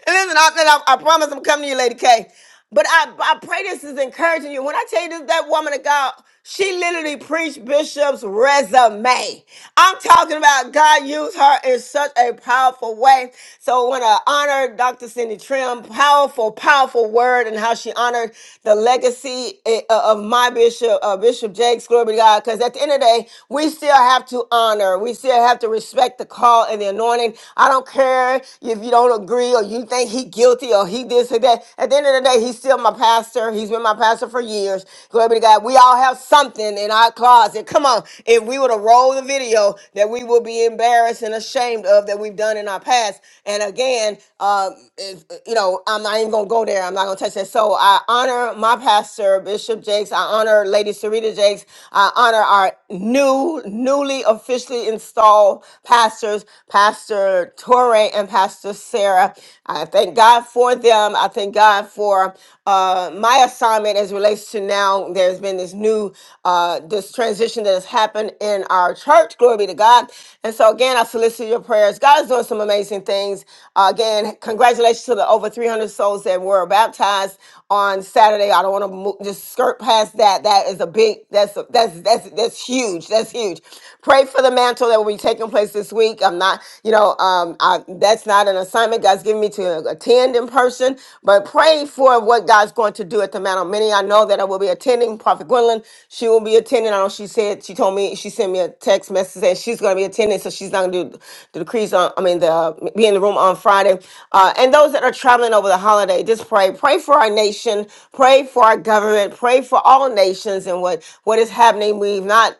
S1: And listen, I, I, I promise I'm coming to you, Lady K. But I, I pray this is encouraging you. When I tell you this, that woman of God, she literally preached Bishop's resume. I'm talking about God used her in such a powerful way. So when I want to honor Dr. Cindy Trim, powerful, powerful word, and how she honored the legacy eh, uh, of my bishop, uh, Bishop Jakes, glory be to God. Because at the end of the day, we still have to honor, we still have to respect the call and the anointing. I don't care if you don't agree or you think he guilty or he this or that. At the end of the day, he's still my pastor. He's been my pastor for years. Glory be to God. We all have something in our closet. Come on. If we were to roll the video that we will be embarrassed and ashamed of that we've done in our past. And again, uh, if- you know, I'm not even going to go there. I'm not going to touch that. So I honor my pastor, Bishop Jakes. I honor Lady Sarita Jakes. I honor our new, newly officially installed pastors, Pastor Torrey and Pastor Sarah. I thank God for them um, I thank God for uh, my assignment as relates to now. There's been this new uh, this transition that has happened in our church. Glory be to God. And so again, I solicit your prayers. God is doing some amazing things. Uh, again, congratulations to the over 300 souls that were baptized on Saturday. I don't want to mo- just skirt past that. That is a big. That's a, that's that's that's huge. That's huge. Pray for the mantle that will be taking place this week. I'm not, you know, um, I, that's not an assignment God's given me to attend attend in person, but pray for what God's going to do at the Mount of Many. I know that I will be attending. Prophet Gwendolyn, she will be attending. I know she said she told me she sent me a text message saying she's going to be attending, so she's not going to do the decrees on. I mean, the uh, be in the room on Friday. Uh, and those that are traveling over the holiday, just pray. Pray for our nation. Pray for our government. Pray for all nations and what what is happening. We've not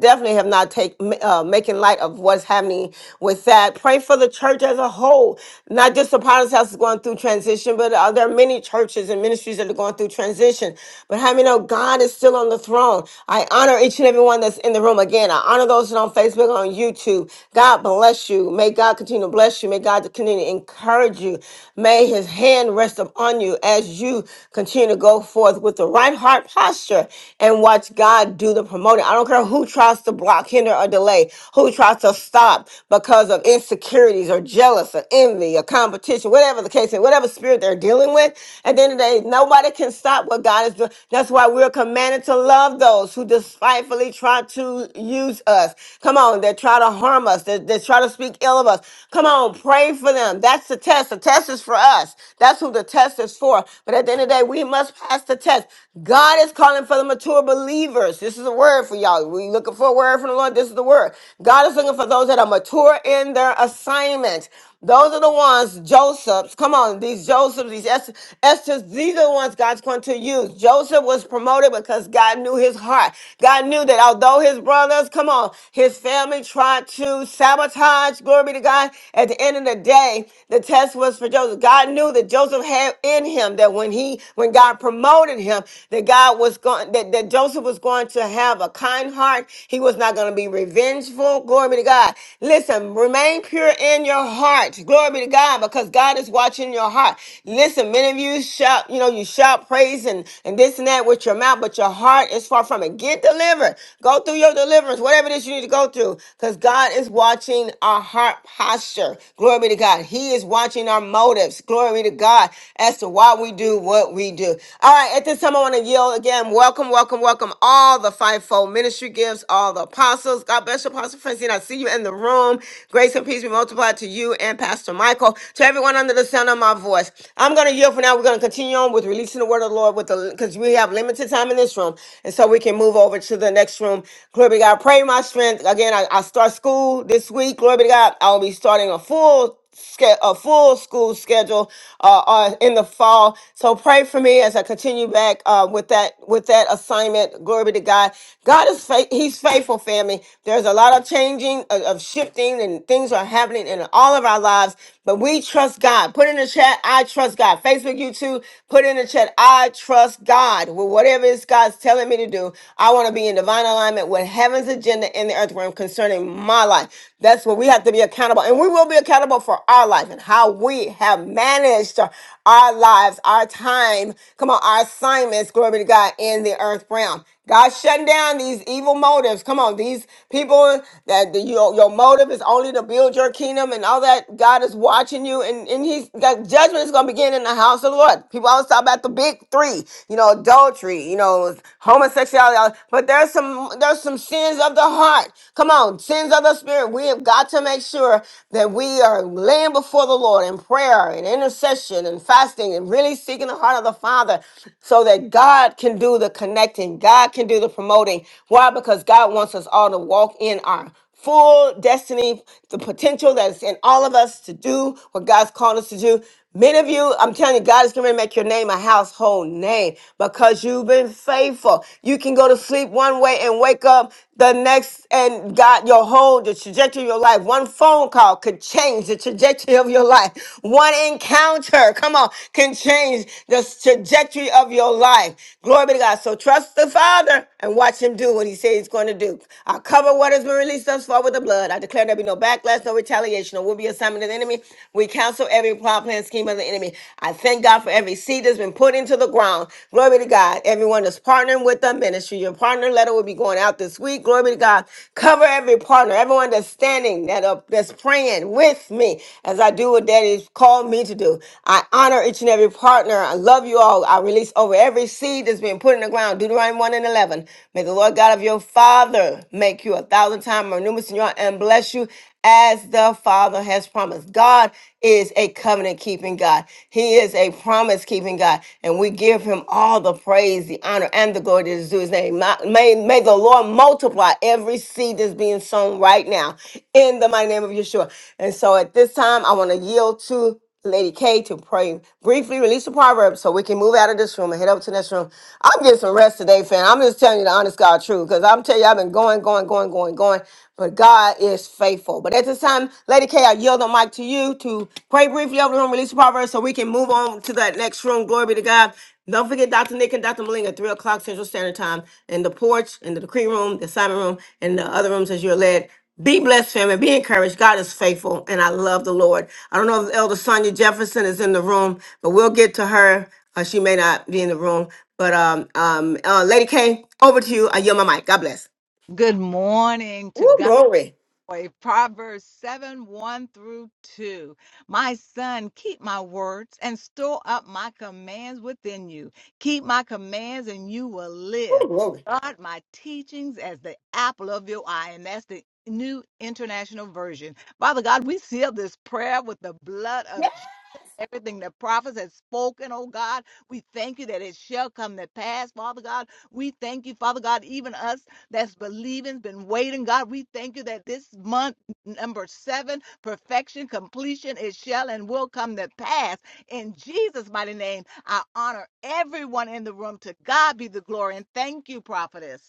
S1: definitely have not take uh, making light of what's happening with that. Pray for the church as a whole, not just Sister Potter's house is going through transition, but uh, there are many churches and ministries that are going through transition. But how many know God is still on the throne? I honor each and every one that's in the room. Again, I honor those that are on Facebook, on YouTube. God bless you. May God continue to bless you. May God continue to encourage you. May His hand rest upon you as you continue to go forth with the right heart posture and watch God do the promoting. I don't care who tries to block, hinder, or delay, who tries to stop because of insecurities or jealous or envy envy or competition, whatever the case, is, whatever spirit they're dealing with. At the end of the day, nobody can stop what God is doing. That's why we're commanded to love those who despitefully try to use us. Come on, they try to harm us. They, they try to speak ill of us. Come on, pray for them. That's the test. The test is for us. That's who the test is for. But at the end of the day, we must pass the test. God is calling for the mature believers. This is a word for y'all. We looking for a word from the Lord. This is the word. God is looking for those that are mature in their assignment. Those are the ones, Josephs. Come on, these Josephs, these Es- Esther's, these are the ones God's going to use. Joseph was promoted because God knew his heart. God knew that although his brothers, come on, his family tried to sabotage, glory be to God, at the end of the day, the test was for Joseph. God knew that Joseph had in him that when he, when God promoted him, that God was going, that, that Joseph was going to have a kind heart. He was not going to be revengeful, glory be to God. God. Listen, remain pure in your heart. Glory be to God because God is watching your heart. Listen, many of you shout, you know, you shout praise and, and this and that with your mouth, but your heart is far from it. Get delivered. Go through your deliverance, whatever it is you need to go through because God is watching our heart posture. Glory be to God. He is watching our motives. Glory be to God as to why we do what we do. All right, at this time, I want to yield again. Welcome, welcome, welcome all the fivefold ministry ministry gifts, all the apostles. God bless you, Apostle Francine. I see you in the room. Grace and peace be multiplied to you and Pastor Michael, to everyone under the sound of my voice. I'm going to yield for now. We're going to continue on with releasing the word of the Lord with the because we have limited time in this room. And so we can move over to the next room. Glory be to God. Pray my strength. Again, I, I start school this week. Glory be to God. I'll be starting a full ske- a full school schedule uh, uh, in the fall. So pray for me as I continue back uh, with that with that assignment. Glory be to God. God is fa- He's faithful, family. There's a lot of changing, of, of shifting, and things are happening in all of our lives. But we trust God. Put in the chat, I trust God. Facebook, YouTube, put in the chat, I trust God. Well, whatever it's God's telling me to do, I want to be in divine alignment with heaven's agenda in the earth realm concerning my life. That's where we have to be accountable. And we will be accountable for our life and how we have managed our lives, our time, come on, our assignments, glory be to God, in the earth realm. God shutting down these evil motives. Come on, these people that the, your, your motive is only to build your kingdom and all that. God is watching you, and, and He's that judgment is going to begin in the house of the Lord. People always talk about the big three, you know, adultery, you know, homosexuality, all- but there's some there's some sins of the heart. Come on, sins of the spirit. We have got to make sure that we are laying before the Lord in prayer and intercession and fasting and really seeking the heart heart Of the Father so that God can do the connecting, God can do the promoting. Why? Because God wants us all to walk in our full destiny, the potential that's in all of us to do what God's called us to do. Many of you, I'm telling you, God is going to make your name a household name because you've been faithful. You can go to sleep one way and wake up the next, and God, your whole the trajectory of your life. One phone call could change the trajectory of your your life. One encounter, come on, can change the trajectory of your life. Glory be to God. So trust the Father and watch Him do what He says He's going to do. I cover what has been released thus far with the blood. I declare there be no backlash, no retaliation, or will be assignment of the enemy. We cancel every plot, plan, scheme of the enemy. I thank God for every seed that's been put into the ground. Glory be to God. Everyone that's partnering with the ministry, your partner letter will be going out this week. Glory be to God. Cover every partner, every everyone that's standing, that are, that's praying with me as I do what that is called me to do. I honor each and every partner. I love you all. I release over every seed that's been put in the ground. Deuteronomy 1 and 11. May the Lord God of your father make you a thousand times more numerous than you are and bless you as the Father has promised. God is a covenant keeping God. He is a promise keeping God. And we give him all the praise, the honor, and the glory that is due his name. My- May, may the Lord multiply every seed that's being sown right now in the mighty name of Yeshua. And so at this time, I want to yield to Lady K to pray briefly, release the proverb so we can move out of this room and head over to the next room. I'm getting some rest today, fam. I'm just telling you the honest God truth because I'm telling you, I've been going, going, going, going, going, but God is faithful. But at this time, Lady K, I yield the mic to you to pray briefly over the room, release the proverb so we can move on to that next room. Glory be to God. Don't forget Dr. Nick and Dr. Malinga, 3 o'clock Central Standard Time in the porch, in the decree room, the assignment room, and the other rooms as you're led. Be blessed, family. Be encouraged. God is faithful, and I love the Lord. I don't know if Elder Sonia Jefferson is in the room, but we'll get to her. Uh, she may not be in the room. But um, um, uh, Lady K, over to you. I yield my mic. God bless.
S2: morning to
S1: Ooh,
S2: God.
S1: glory.
S2: way. Proverbs 7 1 through 2. My son, keep my words and store up my commands within you. Keep my commands and you will
S1: Ooh,
S2: live.
S1: glory.
S2: Guard my teachings as the apple of your eye. And that's the New International Version. Father God, we seal this prayer with the blood of Jesus. Everything the prophets have spoken, oh God, we thank you that it shall come to pass, Father God. We thank you, Father God, even us that's believing, been waiting. God, we thank you that this month, number seven, perfection, completion, it shall and will come to pass. In Jesus' mighty name, I honor everyone in the room. To God be the glory. And thank you, prophetess.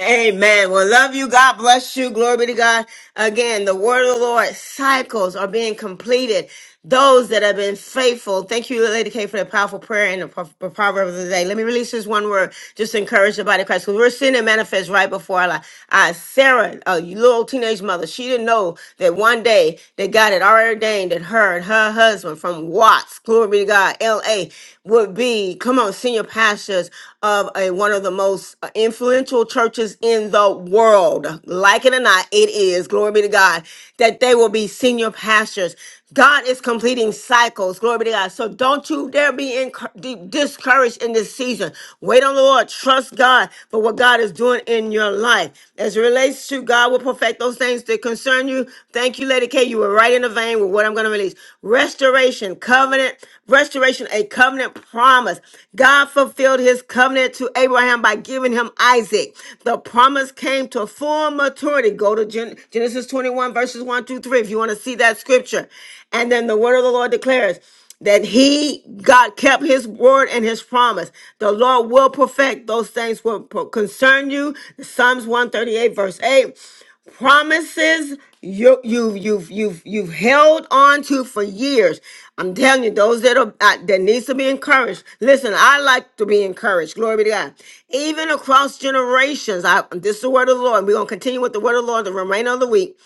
S1: Amen. Well, love you. God bless you. Glory be to God. Again, the word of the Lord cycles are being completed. those that have been faithful. Thank you, Lady K, for that powerful prayer and the pro- pro- proverb of the day. Let me release this one word just to encourage the body of Christ because we're seeing it manifest right before our life. Uh, Sarah, a little teenage mother, she didn't know that one day that God had already ordained that her and her husband from Watts, glory be to God, LA, would be, come on, senior pastors of a, one of the most uh, influential churches in the world. Like it or not, it is, glory be to God, that they will be senior pastors. God is completing cycles. Glory be to God. So don't you dare be encour- de- discouraged in this season. Wait on the Lord. Trust God for what God is doing in your life. As it relates to God will perfect those things that concern you. Thank you, Lady K. You were right in the vein with what I'm going to release. Restoration, covenant, restoration, a covenant promise. God fulfills fulfilled his covenant to Abraham by giving him Isaac. The promise came to full maturity. Go to Gen- Genesis 21, verses 1 through 3, if you want to see that scripture. And then the word of the Lord declares, that he God kept his word and his promise. The Lord will perfect those things will concern you. Psalms 138, verse 8 promises you you you've you've you've held on to for years i'm telling you those that are uh, that needs to be encouraged listen i like to be encouraged glory be to god even across generations i this is the word of the lord we're going to continue with the word of the lord the remainder of the week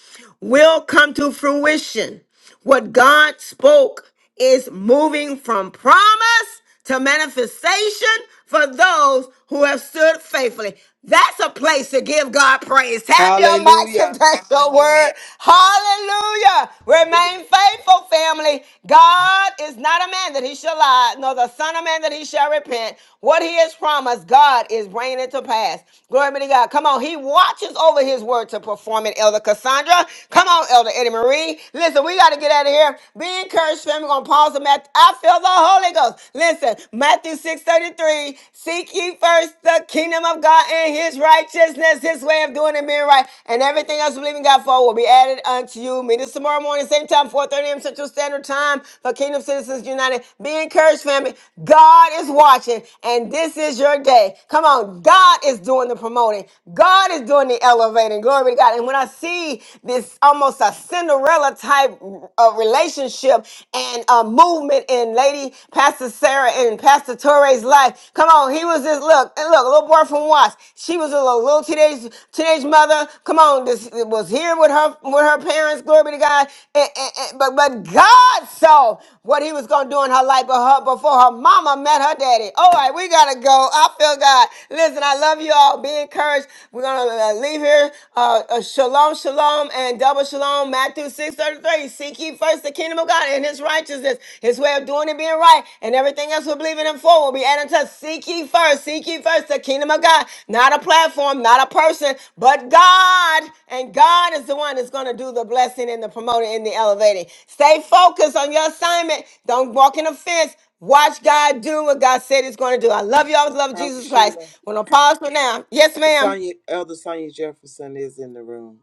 S1: will come to fruition what God spoke is moving from promise to manifestation for those who have stood faithfully. That's a place to give God praise. Tap your mics if
S7: Hallelujah.
S1: that's your word. Hallelujah. Remain faithful, family. God is not a man that he shall lie, nor the son of man that he shall repent. What he has promised, God is bringing it to pass. Glory be to God. Come on. He watches over his word to perform it, Elder Cassandra. Come on, Elder. Eddie Marie. Listen, we got to get out of here. Be encouraged, fam. We're going to pause the Matthew. I feel the Holy Ghost. Listen, Matthew 6.33, seek ye first the kingdom of God and his righteousness, his way of doing and being right, and everything else we believe in God for will be added unto you. Meet us tomorrow morning, same time, 4.30 a.m. Central Standard Time for Kingdom Citizens United. Be encouraged, family. God is watching, and this is your day. Come on, God is doing the promoting. God is doing the elevating. Glory to God. And when I see see this almost a Cinderella type of relationship and a movement in Lady Pastor Sarah and Pastor Torre's life. Come on, he was this look, and look, a little boy from Watts. She was a little, little teenage teenage mother. Come on, this was here with her with her parents. Glory be to God. And- and- and- but but God saw what he was going to do in her life but her- before her mama met her daddy. All right, we got to go. I feel God. Listen, I love you all. Be encouraged. We're going to leave here. Uh, uh, shalom, shalom, and double shalom. Matthew six thirty three. Seek ye first the kingdom of God and his righteousness, his way of doing it being right, and everything else we believe in him for will be added to us. Seek ye first. Seek ye first the kingdom of God. Not a platform, not a person, but God. And God is the one that's going to do the blessing and the promoting and the elevating. Stay focused on your assignment. Don't walk in offense. Watch God do what God said He's going to do. I love you. I always love
S7: Prophet
S1: Jesus Christ.
S7: Sheila.
S1: We're going to pause for now. Yes, ma'am.
S7: Sonia, Elder Sonia Jefferson is in the room.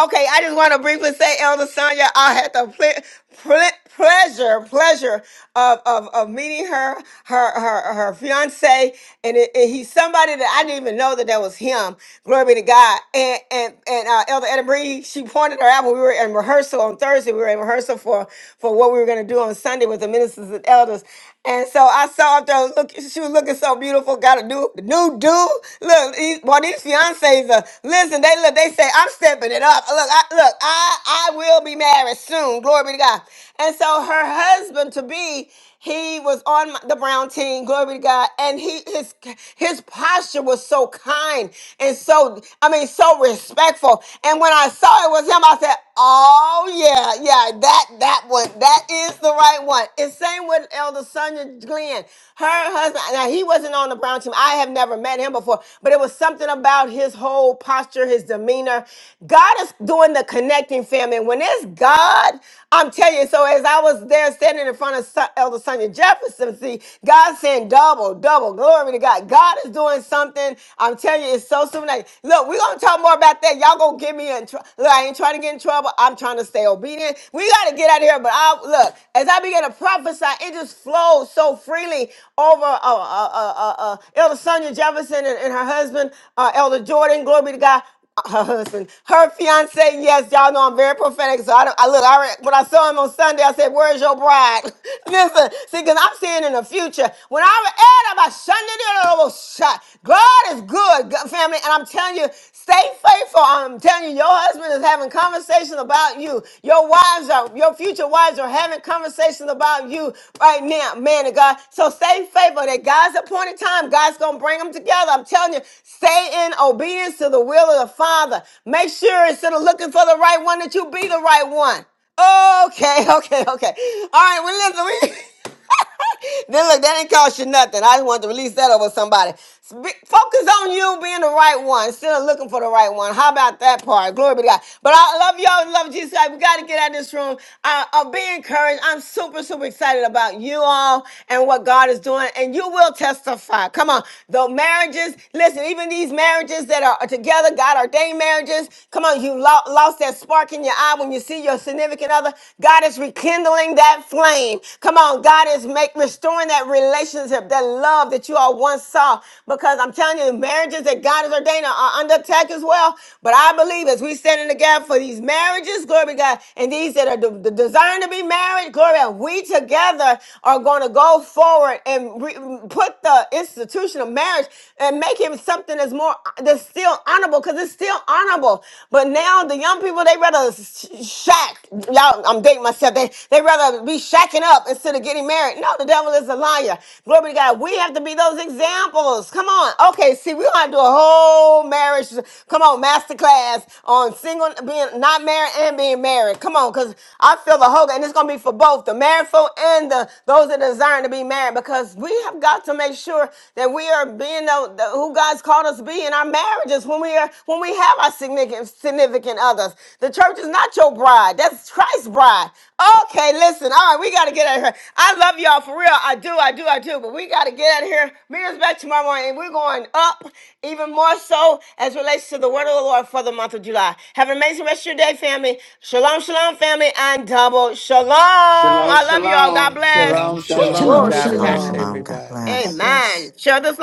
S1: Okay, I just want to briefly say, Elder Sonia, I had the ple- ple- pleasure, pleasure of, of, of meeting her, her, her, her fiance, and, it, and he's somebody that I didn't even know that that was him. Glory be to God. And and and uh, Elder Etta Bree, she pointed her out when we were in rehearsal on Thursday. We were in rehearsal for for what we were going to do on Sunday with the ministers and elders. And so I saw her there looking. She was looking so beautiful. Got a new new dude. Look, these, boy, these fiancés are listen. They look. They say I'm stepping it up. Look, I, look. I I will be married soon. Glory be to God. And so her husband to be. He was on my- the Brown team, glory to God, and he his his posture was so kind and so I mean so respectful. And when I saw it was him, I said, "Oh yeah, yeah, that that one, that is the right one." And same with Elder Sonia Glenn, her husband. Now he wasn't on the Brown team. I have never met him before, but it was something about his whole posture, his demeanor. God is doing the connecting, family. When it's God, I'm telling you. So as I was there standing in front of Son- Elder. Elder Sonia Jefferson. See, God's saying double, double. Glory to God. God is doing something. I'm telling you, it's so supernatural. Look, we're going to talk more about that. Y'all going to get me in trouble. Look, I ain't trying to get in trouble. I'm trying to stay obedient. We got to get out of here. But I look, as I began to prophesy, it just flowed so freely over uh, uh, uh, uh, uh, Elder Sonia Jefferson and, and her husband, uh, Elder Jordan. Glory be to God her husband, her fiance. Yes, y'all know I'm very prophetic. So I don't. I look. I re- when I saw him on Sunday, I said, "Where's your bride?" Listen, see, because I'm seeing in the future. When I re- and I'm a Sunday, then I was shot. God is good, God- family, and I'm telling you, stay faithful. I'm telling you, your husband is having conversations about you. Your wives are, your future wives are having conversations about you right now, man of God. So stay faithful that God's appointed time, God's going to bring them together. I'm telling you, stay in obedience to the will of the Father. Make sure instead of looking for the right one, that you be the right one. Okay, okay, okay. All right, well, listen, we. then look, that didn't cost you nothing. I just wanted to release that over somebody. Spe- Focus on you being the right one, instead of looking for the right one. How about that part? Glory be to God. But I love y'all. Love Jesus. We got to get out of this room. Uh, uh, be encouraged. I'm super, super excited about you all and what God is doing. And you will testify. Come on. The marriages, listen, even these marriages that are together, God ordained marriages. Come on. You lo- lost that spark in your eye when you see your significant other another. God is rekindling that flame. Come on, God is make restoring that relationship, that love that you all once saw. Because I'm telling you, the marriages that God has ordained are are under attack as well. But I believe as we stand in the gap for these marriages, glory be to God, and these that are de- de- designed to be married, glory, be to God, we together are going to go forward and re- put the institution of marriage and make him something that's more that's still honorable because it's still honorable honorable. But now the young people, they rather sh- shack. Y'all, I'm dating myself. They, they rather be shacking up instead of getting married. No, the devil is a liar. Glory to God. We have to be those examples. Come on. Okay, see, we're going to do a whole marriage, come on, masterclass on single, being not married and being married. Come on, because I feel the whole, and it's going to be for both the married folk and the those that desire to be married because we have got to make sure that we are being the, the- who God's called us to be in our marriages when we are when we have our significant significant others. The church is not your bride. That's Christ's bride. Okay, listen. All right, we got to get out of here. I love y'all for real. I do, I do, I do. But we got to get out of here. Mirrors back tomorrow morning, and we're going up even more so as relates to the word of the Lord for the month of July. Have an amazing rest of your day, family. Shalom, shalom, family, and double shalom.
S4: Masaka.
S16: Shalom,
S1: I love y'all. God
S16: shalom.
S1: bless.
S4: Shalom
S6: Shalom,
S7: Double
S1: Woo,
S6: shalom.
S15: Shalom.
S1: Glory
S7: shalom,
S4: Shalom
S1: be
S6: God
S1: to
S17: Shalom,
S1: God.
S6: bless
S15: Shalom.
S17: shalom.
S7: shalom.
S17: God
S6: everybody.
S15: God
S17: bless.
S15: bless.
S1: Amen. Share this.